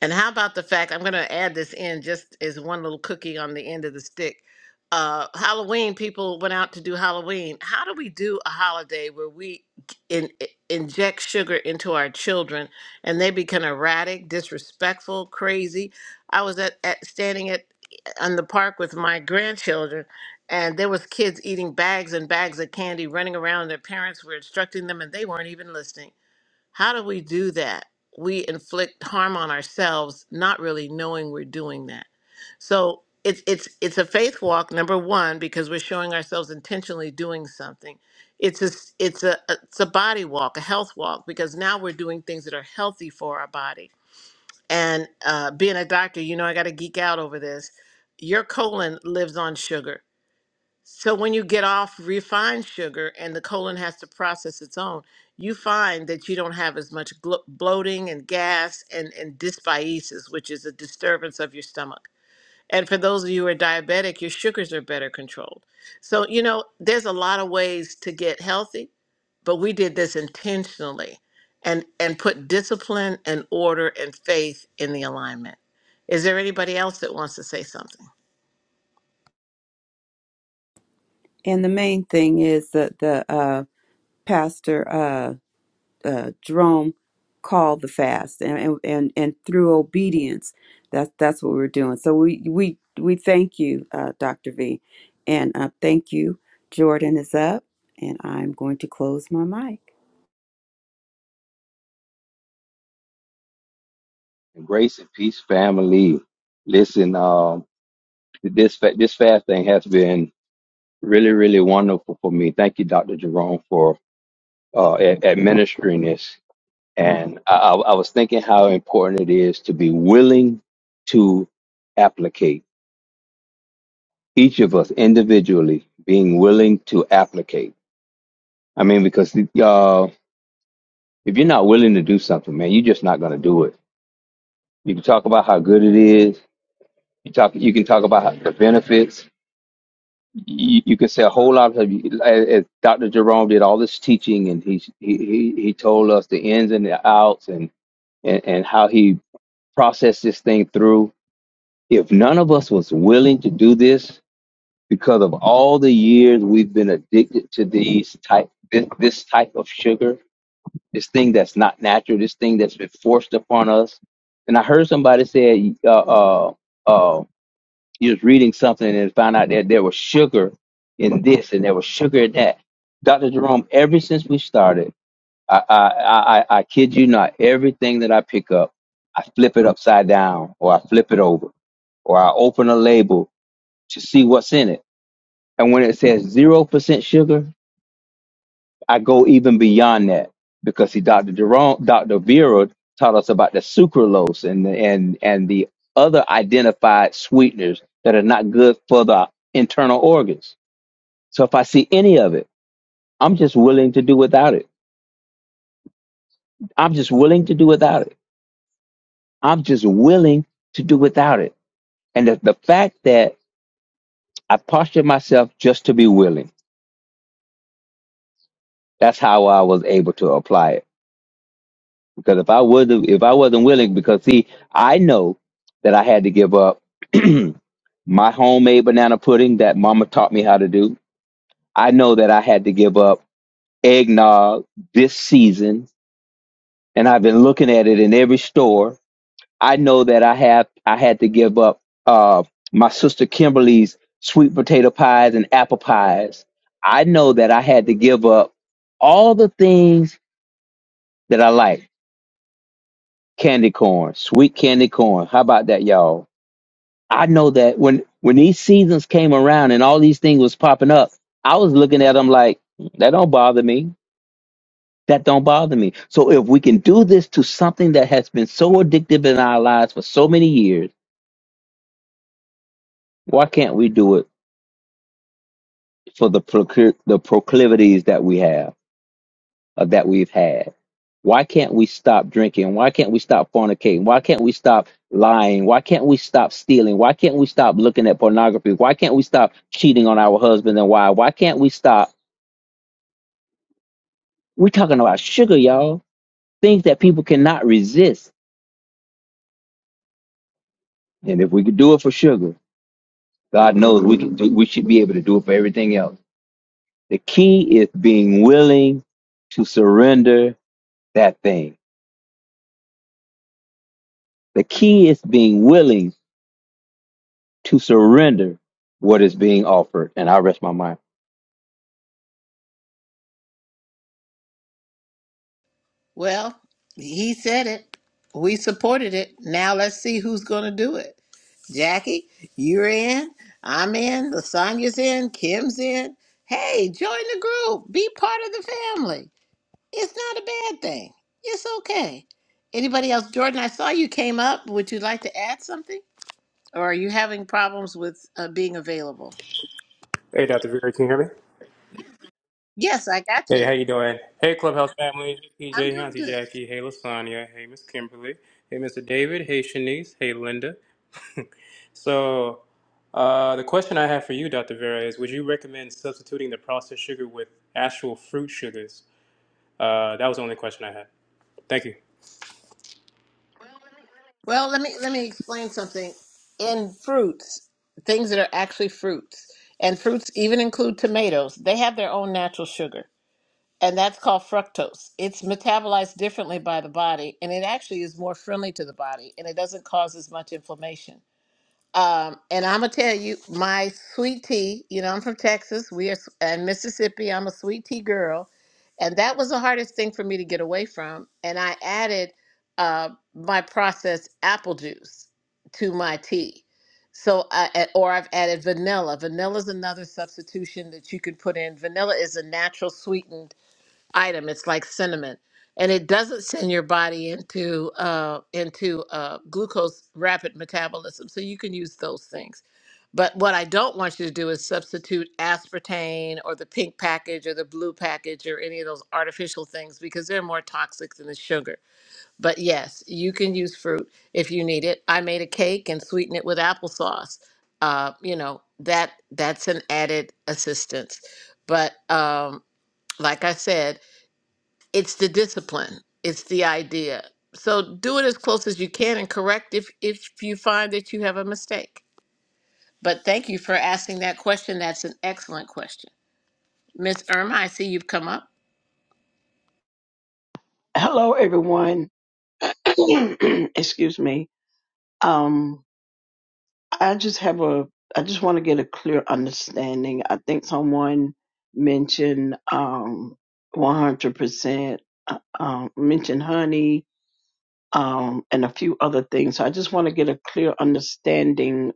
Speaker 4: And how about the fact I'm going to add this in just as one little cookie on the end of the stick. Uh, Halloween people went out to do Halloween. How do we do a holiday where we in, inject sugar into our children and they become erratic, disrespectful, crazy? I was at, at standing at on the park with my grandchildren and there was kids eating bags and bags of candy running around their parents were instructing them and they weren't even listening how do we do that? We inflict harm on ourselves, not really knowing we're doing that. So it's it's it's a faith walk, number one, because we're showing ourselves intentionally doing something. It's a s- it's a it's a body walk, a health walk, because now we're doing things that are healthy for our body. And uh, being a doctor, you know, I got to geek out over this. Your colon lives on sugar so when you get off refined sugar and the colon has to process its own, you find that you don't have as much glo- bloating and gas and, and dysbiosis, which is a disturbance of your stomach. And for those of you who are diabetic, your sugars are better controlled. So, you know, there's a lot of ways to get healthy, but we did this intentionally and, and put discipline and order and faith in the alignment. Is there anybody else that wants to say something?
Speaker 3: And the main thing is that the uh, pastor uh, uh, Jerome called the fast, and, and and and through obedience, that's that's what we're doing. So we we we thank you, uh, Doctor V, and uh, thank you. Jordan is up, and I'm going to close my mic.
Speaker 5: And grace and peace, family. Listen, um, this fa- this fasting has been really, really wonderful for me. Thank you, Dr. Jerome, for uh, ad- administering this. And I, I I was thinking how important it is to be willing to applicate. Each of us individually being willing to applicate. I mean, because uh, if you're not willing to do something, man, you're just not going to do it. You can talk about how good it is. You talk. You can talk about how, the benefits you, you could say a whole lot of as, as Dr. Jerome did all this teaching, and he he he he told us the ins and the outs, and and, and how he processed this thing through. If none of us was willing to do this because of all the years we've been addicted to these type this, this type of sugar, this thing that's not natural, this thing that's been forced upon us. And I heard somebody say, uh, uh, uh, you was reading something and found out that there was sugar in this and there was sugar in that. Dr. Jerome, ever since we started, I, I, I, I I kid you not, everything that I pick up, I flip it upside down or I flip it over or I open a label to see what's in it. And when it says 0% sugar, I go even beyond that because see, Dr. Jerome, Dr. Vera taught us about the sucralose and the, and and the other identified sweeteners that are not good for the internal organs. So if I see any of it, I'm just willing to do without it. I'm just willing to do without it. I'm just willing to do without it. And the, the fact that I postured myself just to be willing, that's how I was able to apply it. Because if I would have if I wasn't willing, because see, I know that I had to give up my homemade banana pudding that mama taught me how to do. I know that I had to give up eggnog this season and I've been looking at it in every store. I know that I have I had to give up uh my sister Kimberly's sweet potato pies and apple pies. I know that I had to give up all the things that I like candy corn, sweet candy corn. How about that, y'all? I know that when when these seasons came around and all these things was popping up, I was looking at them like that don't bother me. That don't bother me. So if we can do this to something that has been so addictive in our lives for so many years, why can't we do it for the procl- the proclivities that we have? uh, that we've had. Why can't we stop drinking? Why can't we stop fornicating? Why can't we stop lying? Why can't we stop stealing? Why can't we stop looking at pornography? Why can't we stop cheating on our husband and wife? Why can't we stop? We're talking about sugar, y'all. Things that people cannot resist. And if we could do it for sugar, God knows we can do, we should be able to do it for everything else. The key is being willing to surrender that thing. The key is being willing to surrender what is being offered. And I rest my mind.
Speaker 4: Well, he said it. We supported it. Now let's see who's going to do it. Jackie, you're in. I'm in. Lasagna's in. Kim's in. Hey, join the group. Be part of the family. It's not a bad thing. It's okay. Anybody else? Jordan, I saw you came up. Would you like to add something? Or are you having problems with uh, being available?
Speaker 6: Hey, Dr. Vera, can you hear me?
Speaker 4: Yes, I got
Speaker 6: Hey,
Speaker 4: you.
Speaker 6: how you doing? Hey, Clubhouse family. PJ,
Speaker 4: I'm doing
Speaker 6: Auntie
Speaker 4: good.
Speaker 6: Jackie. Hey, Lasagna. Hey, Miss Kimberly. Hey, Mr. David. Hey, Shanice. Hey, Linda. So, uh, the question I have for you, Dr. Vera, is would you recommend substituting the processed sugar with actual fruit sugars? Uh, that was the only question I had. Thank you.
Speaker 4: Well, let me let me explain something. In fruits, things that are actually fruits, and fruits even include tomatoes, they have their own natural sugar, and that's called fructose. It's metabolized differently by the body, and it actually is more friendly to the body, and it doesn't cause as much inflammation. Um, and I'm gonna tell you, my sweet tea. You know, I'm from Texas. We are s- and Mississippi. I'm a sweet tea girl, and that was the hardest thing for me to get away from. And I added uh, my processed apple juice to my tea. So, I, a- or I've added vanilla. Vanilla is another substitution that you could put in. Vanilla is a natural sweetened item. It's like cinnamon, and it doesn't send your body into uh, into uh, glucose rapid metabolism. So you can use those things. But what I don't want you to do is substitute aspartame or the pink package or the blue package or any of those artificial things because they're more toxic than the sugar. But yes, you can use fruit if you need it. I made a cake and sweetened it with applesauce. Uh, you know that that's an added assistance. But um, like I said, it's the discipline it's the idea so do it as close as you can and correct if if you find that you have a mistake but thank you for asking that question that's an excellent question miss irma i see you've come up
Speaker 7: Hello, everyone. Excuse me. Um, I just have a, I just want to get a clear understanding. I think someone mentioned um, 100%, uh, um, mentioned honey, um, and a few other things. So I just want to get a clear understanding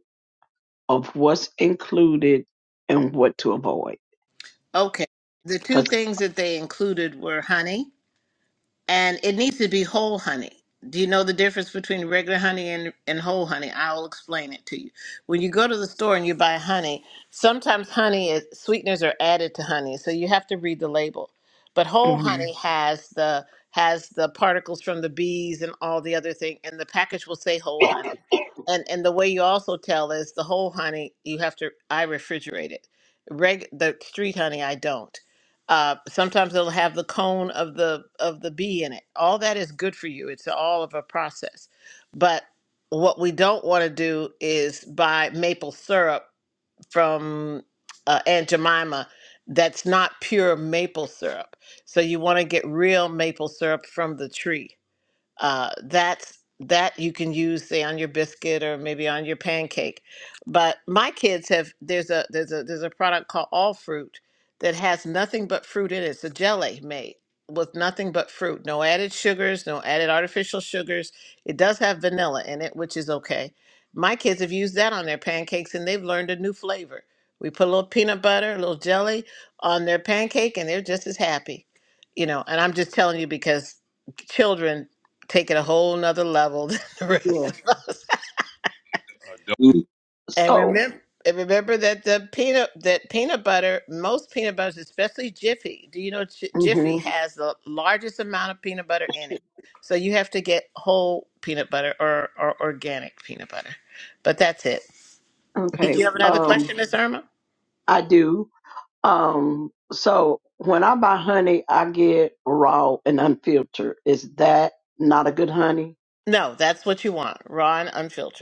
Speaker 7: of what's included and what to avoid.
Speaker 4: okay the two
Speaker 7: because
Speaker 4: things that they included were honey and it needs to be whole honey. Do you know the difference between regular honey and, and whole honey? I will explain it to you. When you go to the store and you buy honey, sometimes honey is sweeteners are added to honey, so you have to read the label. But whole honey has the has the particles from the bees and all the other thing, and the package will say whole honey. And and the way you also tell is the whole honey you have to I refrigerate it. Reg the street honey I don't. Uh, sometimes they'll have the cone of the of the bee in it. All that is good for you. It's all of a process. But what we don't want to do is buy maple syrup from uh, Aunt Jemima that's not pure maple syrup. So you want to get real maple syrup from the tree uh, that's that you can use say on your biscuit or maybe on your pancake but my kids have there's a there's a there's a product called all fruit that has nothing but fruit in it it's a jelly made with nothing but fruit no added sugars no added artificial sugars it does have vanilla in it which is okay my kids have used that on their pancakes and they've learned a new flavor we put a little peanut butter a little jelly on their pancake and they're just as happy you know and i'm just telling you because children take it a whole nother level than the rest
Speaker 7: yeah.
Speaker 4: of us. And
Speaker 7: So
Speaker 4: remember, and remember that the peanut that peanut butter, most peanut butters, especially Jiffy. Do you know J- Jiffy
Speaker 7: hmm
Speaker 4: has the largest amount of peanut butter in it? So you have to get whole peanut butter or, or organic peanut butter. But that's it. Did
Speaker 7: okay,
Speaker 4: you have another
Speaker 7: um,
Speaker 4: question, Miss Irma?
Speaker 7: I do. Um, so when I buy honey, I get raw and unfiltered. Is that not a good honey?
Speaker 4: No, that's what you want, raw and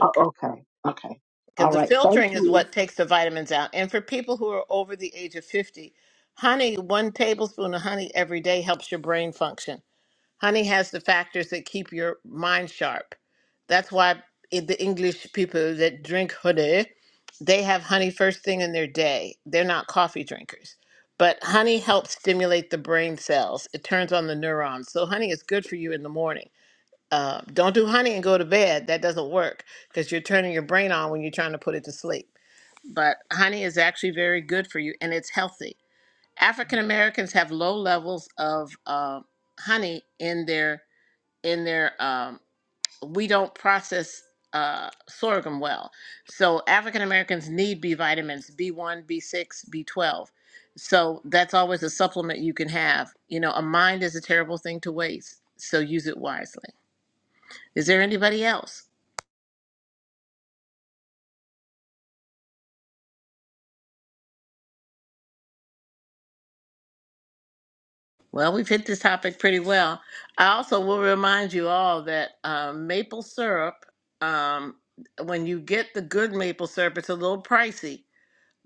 Speaker 7: Oh, okay. Okay.
Speaker 4: because
Speaker 7: All
Speaker 4: the
Speaker 7: right. Thank
Speaker 4: filtering is
Speaker 7: you.
Speaker 4: what takes the vitamins out. And for people who are over the age of 50, honey, one tablespoon of honey every day helps your brain function. Honey has the factors that keep your mind sharp. That's why i- the English people that drink honey, they have honey first thing in their day. They're not coffee drinkers. But honey helps stimulate the brain cells. It turns on the neurons. So honey is good for you in the morning. Uh, don't do honey and go to bed. That doesn't work because you're turning your brain on when you're trying to put it to sleep. But honey is actually very good for you and it's healthy. African Americans have low levels of uh, honey in their in their. Um, we don't process uh, sorghum well, so African Americans need B vitamins, B one, B six, B twelve. So that's always a supplement you can have. You know, a mind is a terrible thing to waste, so use it wisely. Is there anybody else? Well, we've hit this topic pretty well. I also will remind you all that um, maple syrup, um, when you get the good maple syrup, it's a little pricey,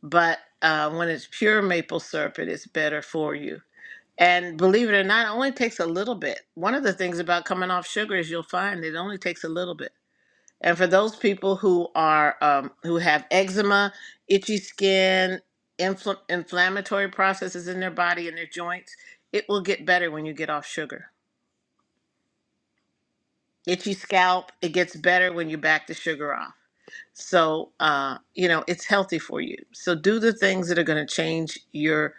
Speaker 4: but uh, when it's pure maple syrup, it is better for you. And believe it or not, it only takes a little bit. One of the things about coming off sugar is you'll find it only takes a little bit. And for those people who are um, who have eczema, itchy skin, infl- inflammatory processes in their body and their joints, it will get better when you get off sugar. Itchy scalp, it gets better when you back the sugar off. So uh, you know it's healthy for you. So do the things that are going to change your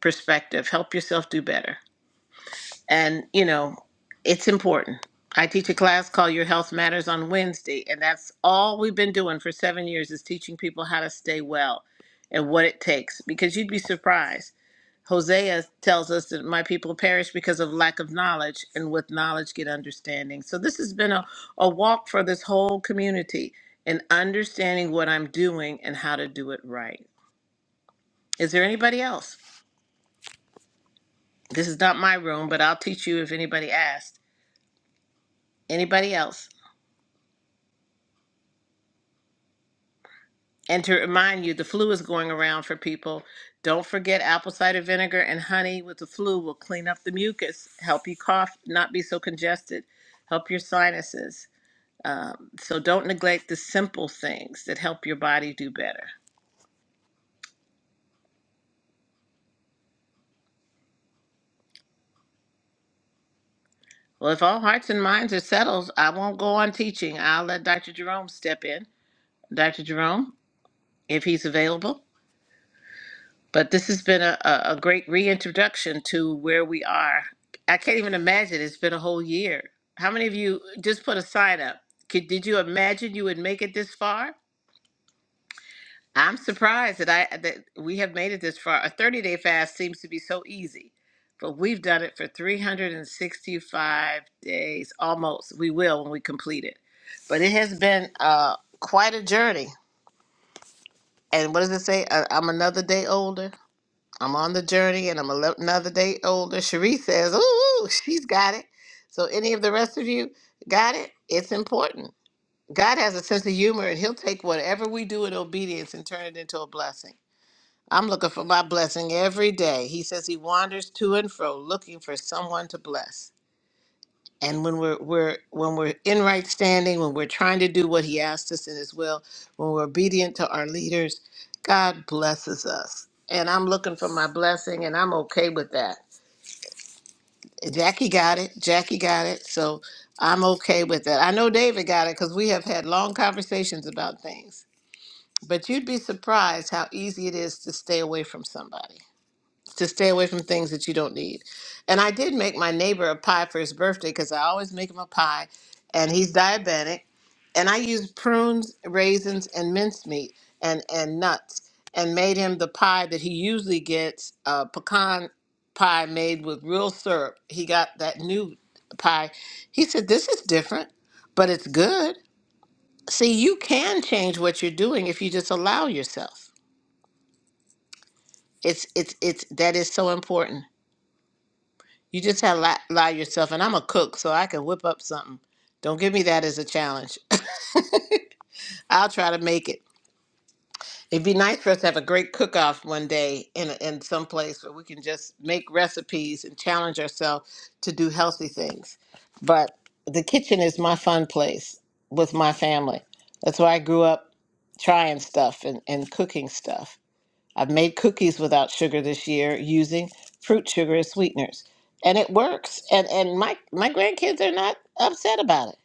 Speaker 4: perspective. Help yourself do better. and you know it's important i teach a class called your health matters on wednesday and that's all we've been doing for seven years is teaching people how to stay well and what it takes because you'd be surprised hosea tells us that my people perish because of lack of knowledge and with knowledge get understanding so this has been a, a walk for this whole community in understanding what i'm doing and how to do it right is there anybody else this is not my room but i'll teach you if anybody asked anybody else And to remind you, the flu is going around for people. Don't forget apple cider vinegar and honey with the flu will clean up the mucus, help you cough, not be so congested, help your sinuses. Um, so don't neglect the simple things that help your body do better. Well, if all hearts and minds are settled, I won't go on teaching. I'll let Dr. Jerome step in. Dr. Jerome, if he's available. But this has been a, a, a great reintroduction to where we are. I can't even imagine it's been a whole year. How many of you just put a sign up? Could, did you imagine you would make it this far? I'm surprised that I that we have made it this far. A 30 day fast seems to be so easy, but we've done it for 365 days almost. We will when we complete it, but it has been uh, quite a journey. And what does it say? I, I'm another day older. I'm on the journey and I'm a another day older. Cherie says, Ooh, she's got it. So, any of the rest of you got it? It's important. God has a sense of humor and He'll take whatever we do in obedience and turn it into a blessing. I'm looking for my blessing every day. He says He wanders to and fro looking for someone to bless and when we're we're when we're in right standing when we're trying to do what he asked us in his will when we're obedient to our leaders god blesses us and i'm looking for my blessing and i'm okay with that jackie got it jackie got it so i'm okay with that i know david got it because we have had long conversations about things but you'd be surprised how easy it is to stay away from somebody to stay away from things that you don't need. And I did make my neighbor a pie for his birthday because I always make him a pie, and he's diabetic. And I used prunes, raisins, and mincemeat and and nuts, and made him the pie that he usually gets, uh, pecan pie made with real syrup. He got that new pie. He said, "This is different, but it's good." See, you can change what you're doing if you just allow yourself. It's it's it's that is so important. You just have to lie, yourself, and I'm a cook, so I can whip up something. Don't give me that as a challenge. I'll try to make it. It'd be nice for us to have a great cook-off one day in in some place where we can just make recipes and challenge ourselves to do healthy things. But the kitchen is my fun place with my family. That's where I grew up trying stuff and, and cooking stuff. I've made cookies without sugar this year using fruit sugar as sweeteners. And it works. And and my my grandkids are not upset about it.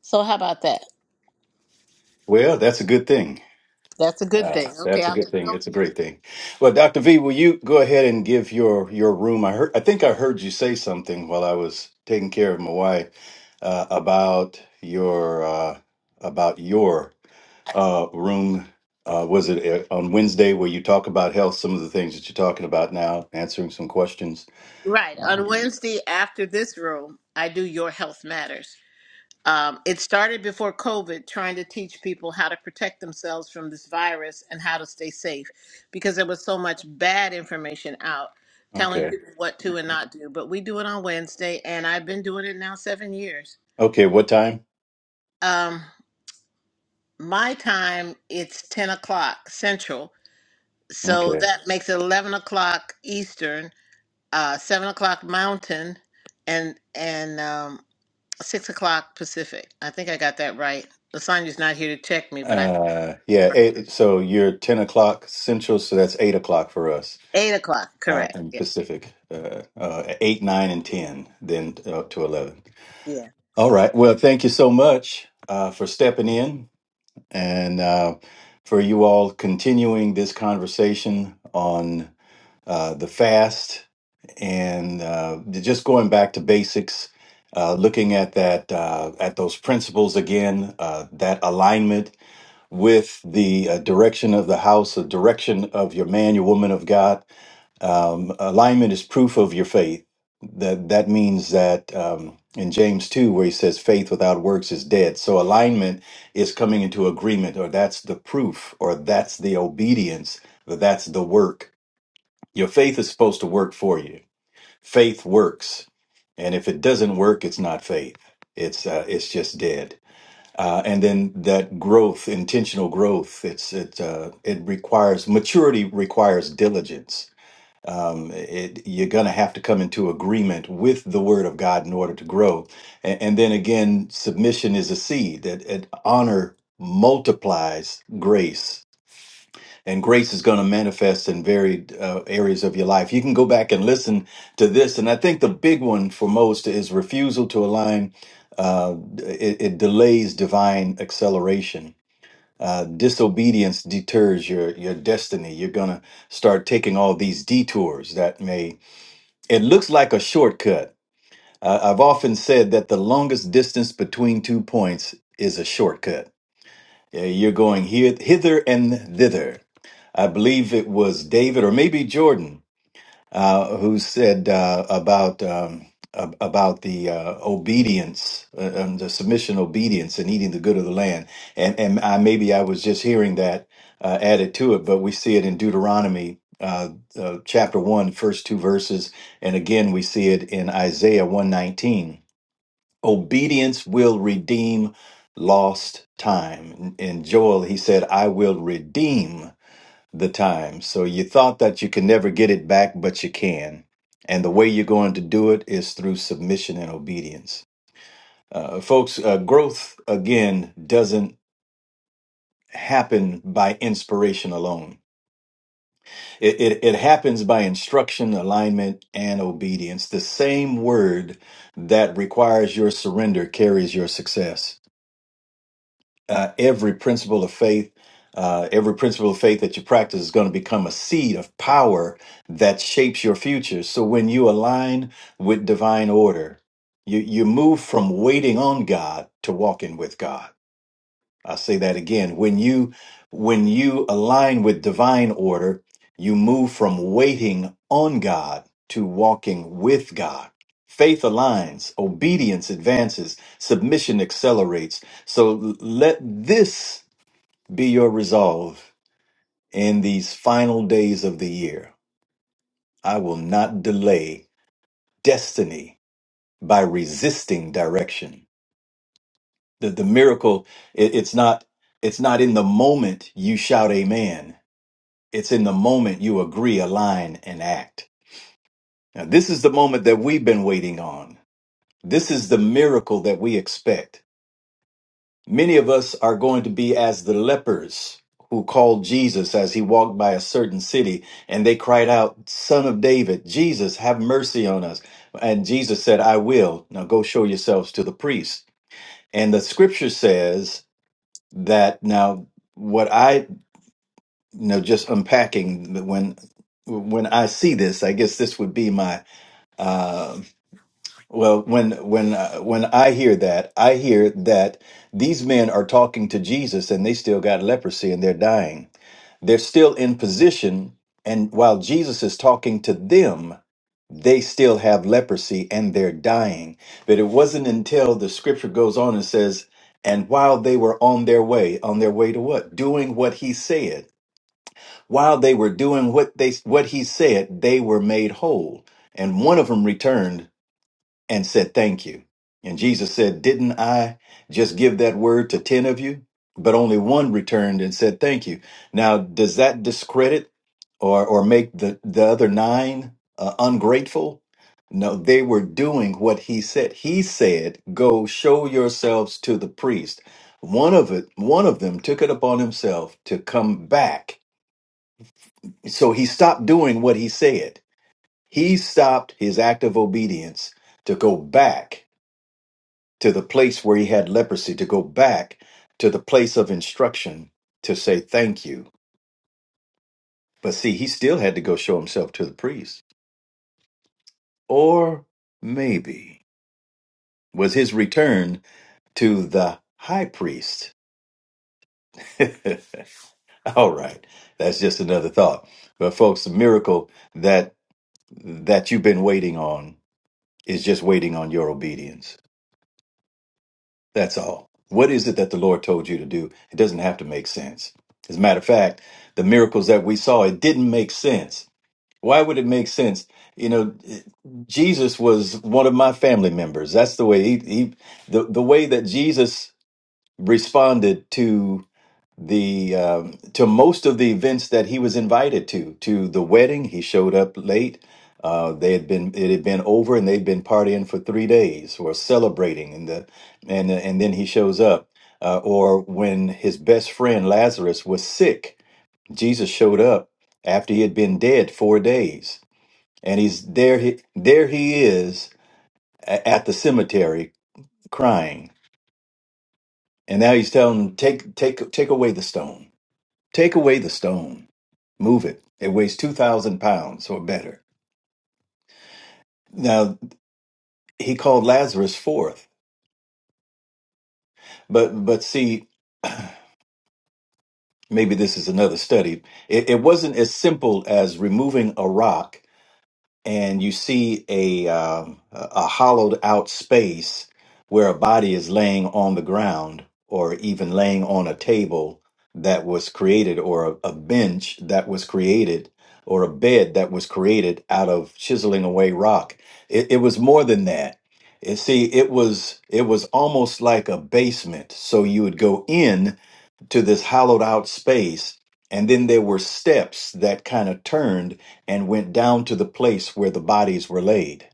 Speaker 4: So how about that?
Speaker 2: Well, that's a good thing.
Speaker 4: That's a good
Speaker 2: Uh,
Speaker 4: thing. Okay,
Speaker 2: that's a
Speaker 4: I'll
Speaker 2: good
Speaker 4: turn it
Speaker 2: thing.
Speaker 4: over
Speaker 2: It's a
Speaker 4: to you.
Speaker 2: great thing. Well, Dr. V, will you go ahead and give your your room? I heard. I think I heard you say something while I was taking care of my wife uh, about your uh, about your uh, room. Uh, was it uh, on Wednesday where you talk about health? Some of the things that you're talking about now, answering some questions.
Speaker 4: Right.
Speaker 2: Uh,
Speaker 4: On Wednesday after this room, I do your health matters. Um, it started before COVID, trying to teach people how to protect themselves from this virus and how to stay safe because there was so much bad information out
Speaker 2: okay.
Speaker 4: telling people what to and not do. But we do it on Wednesday, and I've been doing it now seven years.
Speaker 2: Okay, what time?
Speaker 4: Um, my time, it's 10 o'clock Central. So
Speaker 2: Okay.
Speaker 4: that makes it 11 o'clock Eastern, uh, 7 o'clock Mountain, and, and um, 6 o'clock Pacific. I think I got that right. Lasagna's not here to check me, but I
Speaker 2: Uh, yeah,
Speaker 4: Right.
Speaker 2: eight, so you're 10 o'clock Central, so that's 8 o'clock for us
Speaker 4: Eight o'clock,
Speaker 2: uh,
Speaker 4: correct.
Speaker 2: in
Speaker 4: Yeah.
Speaker 2: Pacific. Uh, uh, 8, 9, and 10, then up to 11.
Speaker 4: Yeah.
Speaker 2: All right. Well, thank you so much uh, for stepping in and uh, for you all continuing this conversation on uh, the fast and uh, just going back to basics. Uh, looking at that, uh, at those principles again, uh, that alignment with the uh, direction of the house, the direction of your man, your woman of God. Um, alignment is proof of your faith. That that means that um, in James two, where he says faith without works is dead. So alignment is coming into agreement, or that's the proof, or that's the obedience, or that's the work. Your faith is supposed to work for you. Faith works, and if it doesn't work, it's not faith. It's uh, it's just dead uh, and then that growth, intentional growth, it's it uh, it requires maturity requires diligence. Um, it, you're going to have to come into agreement with the Word of God in order to grow, and, and then again, submission is a seed that it honor multiplies grace and grace is going to manifest in varied uh, areas of your life. You can go back and listen to this, and I think the big one for most is refusal to align. Uh, it, it delays divine acceleration. Uh, disobedience deters your your destiny. You're gonna start taking all these detours that may. It looks like a shortcut. Uh, I've often said that the longest distance between two points is a shortcut. Yeah, you're going here, hither, and thither I believe it was David or maybe Jordan uh, who said uh, about um, ab- about the uh, obedience, uh, um, the submission, obedience, and eating the good of the land. And and I, maybe I was just hearing that uh, added to it, but we see it in Deuteronomy. Uh, uh, chapter one, first two verses, and again we see it in Isaiah one nineteen. Obedience will redeem lost time. In in Joel, he said, "I will redeem." the time. So you thought that you could never get it back, but you can. And the way you're going to do it is through submission and obedience. Uh, folks, uh, growth, again, doesn't happen by inspiration alone. It, it, it happens by instruction, alignment, and obedience. The same word that requires your surrender carries your success. uh, every principle of faith, uh, every principle of faith that you practice is going to become a seed of power that shapes your future. So when you align with divine order, you, you move from waiting on God to walking with God. I'll say that again. When you when you align with divine order, you move from waiting on God to walking with God. Faith aligns, obedience advances, submission accelerates. So l- let this be your resolve in these final days of the year. I will not delay destiny by resisting direction. The, the miracle, it- it's not it's not in the moment you shout amen It's in the moment you agree, align, and act. Now, this is the moment that we've been waiting on. This is the miracle that we expect. Many of us are going to be as the lepers who called Jesus as he walked by a certain city, and they cried out, Son of David, Jesus, have mercy on us. And Jesus said, I will. Now go show yourselves to the priest. And the scripture says that now, what I you know just unpacking when when i see this i guess this would be my well when when uh, when i hear that i hear that these men are talking to jesus and they still got leprosy and they're dying they're still in position and while jesus is talking to them they still have leprosy and they're dying but it wasn't until the scripture goes on and says and while they were on their way on their way to what doing what he said While they were doing what they what he said, they were made whole. And one of them returned and said, "Thank you." And Jesus said, "Didn't I just give that word to 10 of you?" But only one returned and said, "Thank you." Now, does that discredit or or make the the other 9 uh, ungrateful? No, they were doing what he said. He said, "Go show yourselves to the priest." One of it, one of them took it upon himself to come back so he stopped doing what he said. He stopped his act of obedience to go back to the place where he had leprosy, to go back to the place of instruction to say thank you. But see, he still had to go show himself to the priest. Or maybe was his return to the high priest. All right. That's just another thought. But folks, the miracle that that you've been waiting on is just waiting on your obedience. That's all. What is it that the Lord told you to do? It doesn't have to make sense. As a matter of fact, the miracles that we saw, it didn't make sense. Why would it make sense? You know, Jesus was one of my family members. That's the way he, he the, the way that Jesus responded to the um to most of the events that he was invited to to the wedding he showed up late uh, they had been it had been over and they'd been partying for three days or celebrating and the and and then he shows up uh, or when his best friend Lazarus was sick Jesus showed up after he had been dead four days and he's there he there he is a- at the cemetery crying and now he's telling him take take take away the stone Take away the stone, move it. It weighs 2,000 pounds or better. Now, he called Lazarus forth. But, but see, maybe this is another study. It, it wasn't as simple as removing a rock and you see a um, a a hollowed out space where a body is laying on the ground or even laying on a table that was created or a, a bench that was created or a bed that was created out of chiseling away rock it, it was more than that it, see it was it was almost like a basement so you would go in to this hollowed out space. And then there were steps that kind of turned and went down to the place where the bodies were laid.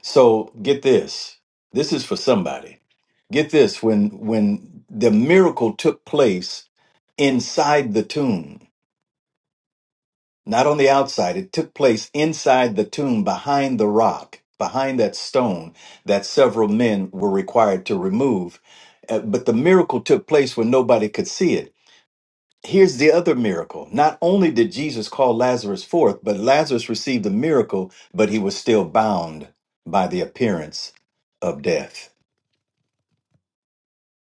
Speaker 2: So get this. This is for somebody. Get this. When, when the miracle took place inside the tomb, not on the outside, it took place inside the tomb behind the rock, behind that stone that several men were required to remove. Uh, but the miracle took place when nobody could see it Here's the other miracle. Not only did Jesus call Lazarus forth, but Lazarus received the miracle, but he was still bound by the appearance of death.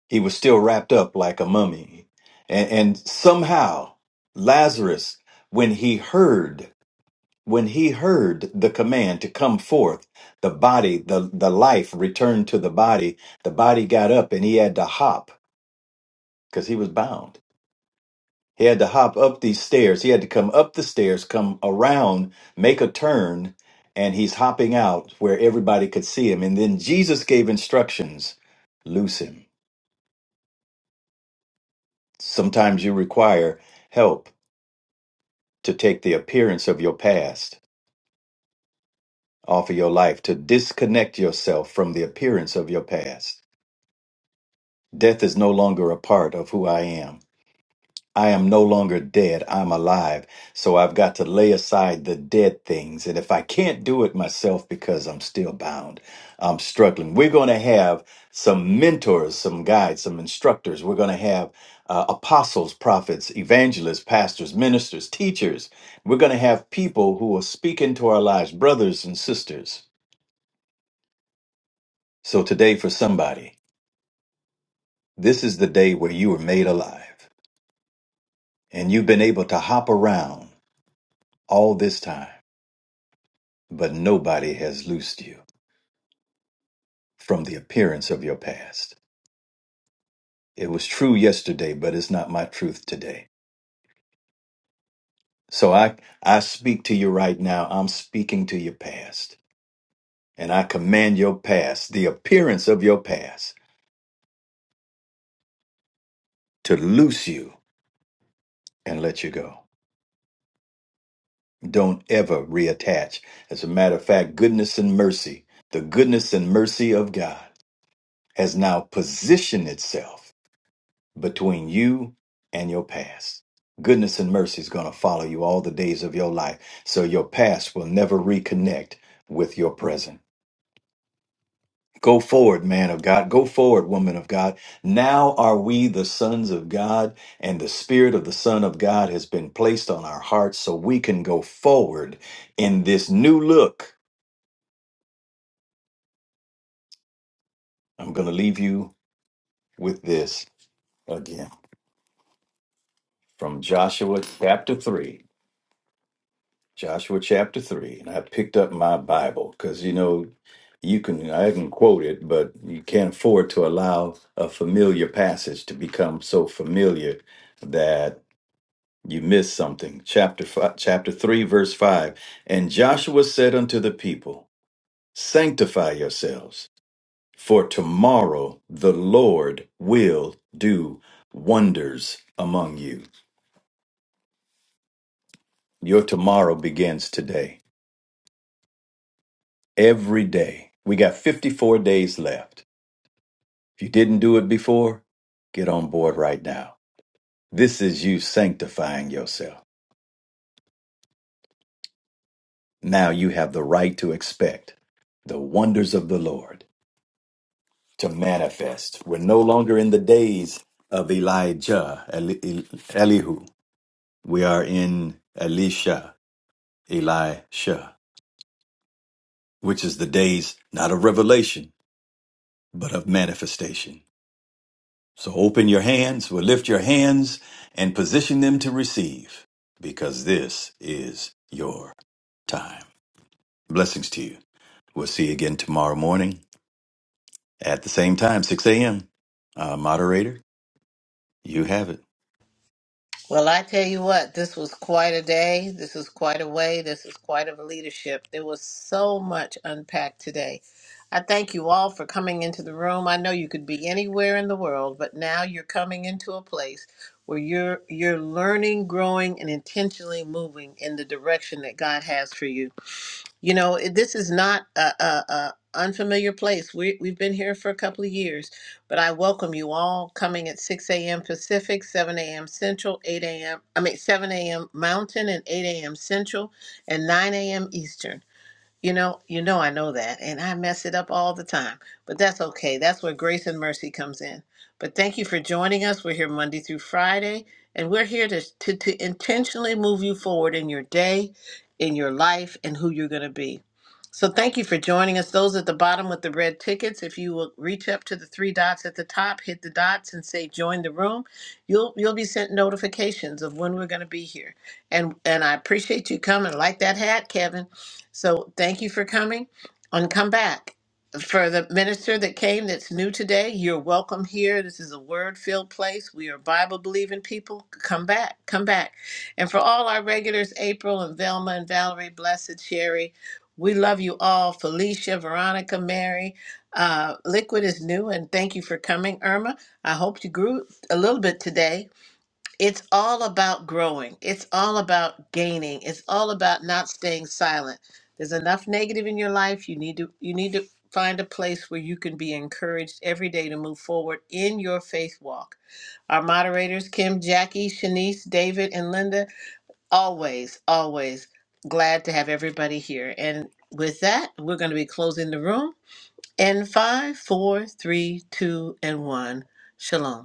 Speaker 2: He was still wrapped up like a mummy. And, and somehow, Lazarus, when he heard, when he heard the command to come forth, the body, the, the life returned to the body. The body got up and he had to hop because he was bound. He had to hop up these stairs. He had to come up the stairs, come around, make a turn, and he's hopping out where everybody could see him. And then Jesus gave instructions loose him. Sometimes you require help to take the appearance of your past off of your life, to disconnect yourself from the appearance of your past. Death is no longer a part of who I am. I am no longer dead, I'm alive. So I've got to lay aside the dead things. And if I can't do it myself because I'm still bound, I'm struggling. We're going to have some mentors, some guides, some instructors. We're going to have uh, apostles, prophets, evangelists, pastors, ministers, teachers. We're going to have people who will speak into our lives, brothers and sisters. So today, for somebody, this is the day where you were made alive and you've been able to hop around all this time but nobody has loosed you from the appearance of your past. It was true yesterday, but it's not my truth today. So I, I speak to you right now. I'm speaking to your past. And I command your past, the appearance of your past, to loose you and let you go. Don't ever reattach. As a matter of fact, goodness and mercy, the goodness and mercy of God has now positioned itself between you and your past. Goodness and mercy is going to follow you all the days of your life. So your past will never reconnect with your present. Go forward, man of God. Go forward, woman of God. Now are we the sons of God, and the Spirit of the Son of God has been placed on our hearts so we can go forward in this new look. I'm going to leave you with this again from Joshua chapter 3. Joshua chapter 3. And I picked up my Bible because, you know, you can, I can quote it, but you can't afford to allow a familiar passage to become so familiar that you miss something. Chapter, five, chapter 3, verse 5. And Joshua said unto the people, Sanctify yourselves, for tomorrow the Lord will do wonders among you. Your tomorrow begins today. every day. We got 54 days left. If you didn't do it before, get on board right now. This is you sanctifying yourself. Now you have the right to expect the wonders of the Lord to manifest. We're no longer in the days of Elijah, Eli- El- Elihu. We are in Elisha, Elisha, which is the days not of revelation, but of manifestation. So open your hands, or lift your hands and position them to receive, because this is your time. Blessings to you. We'll see you again tomorrow morning at the same time, 6 a.m. Uh, moderator, you have it.
Speaker 4: Well, I tell you what, this was quite a day. This is quite a way. This is quite of a leadership. There was so much unpacked today. I thank you all for coming into the room. I know you could be anywhere in the world, but now you're coming into a place where you're you're learning, growing, and intentionally moving in the direction that God has for you. You know, it- this is not a, a, a unfamiliar place. We, we've been here for a couple of years, but I welcome you all coming at 6 a.m. Pacific, 7 a.m. Central, 8 a.m. I mean, 7 a.m. Mountain, and 8 a.m. Central, and 9 a.m. Eastern. You know, you know I know that and I mess it up all the time. But that's okay. That's where grace and mercy comes in. But thank you for joining us. We're here Monday through Friday and we're here to to, to intentionally move you forward in your day, in your life and who you're going to be. So thank you for joining us. Those at the bottom with the red tickets, if you will reach up to the three dots at the top, hit the dots and say join the room, you'll you'll be sent notifications of when we're going to be here. And and I appreciate you coming. Like that hat, Kevin. So thank you for coming and come back. For the minister that came that's new today, you're welcome here. This is a word filled place. We are Bible believing people. Come back, come back. And for all our regulars, April and Velma and Valerie, Blessed Sherry, we love you all. Felicia, Veronica, Mary. Uh, Liquid is new, and thank you for coming, Irma. I hope you grew a little bit today it's all about growing. It's all about gaining. It's all about not staying silent. There's enough negative in your life. You need to you need to find a place where you can be encouraged every day to move forward in your faith walk. Our moderators, Kim, Jackie, Shanice, David, and Linda, always, always glad to have everybody here. And with that, we're going to be closing the room in five, four, three, two, and one. Shalom.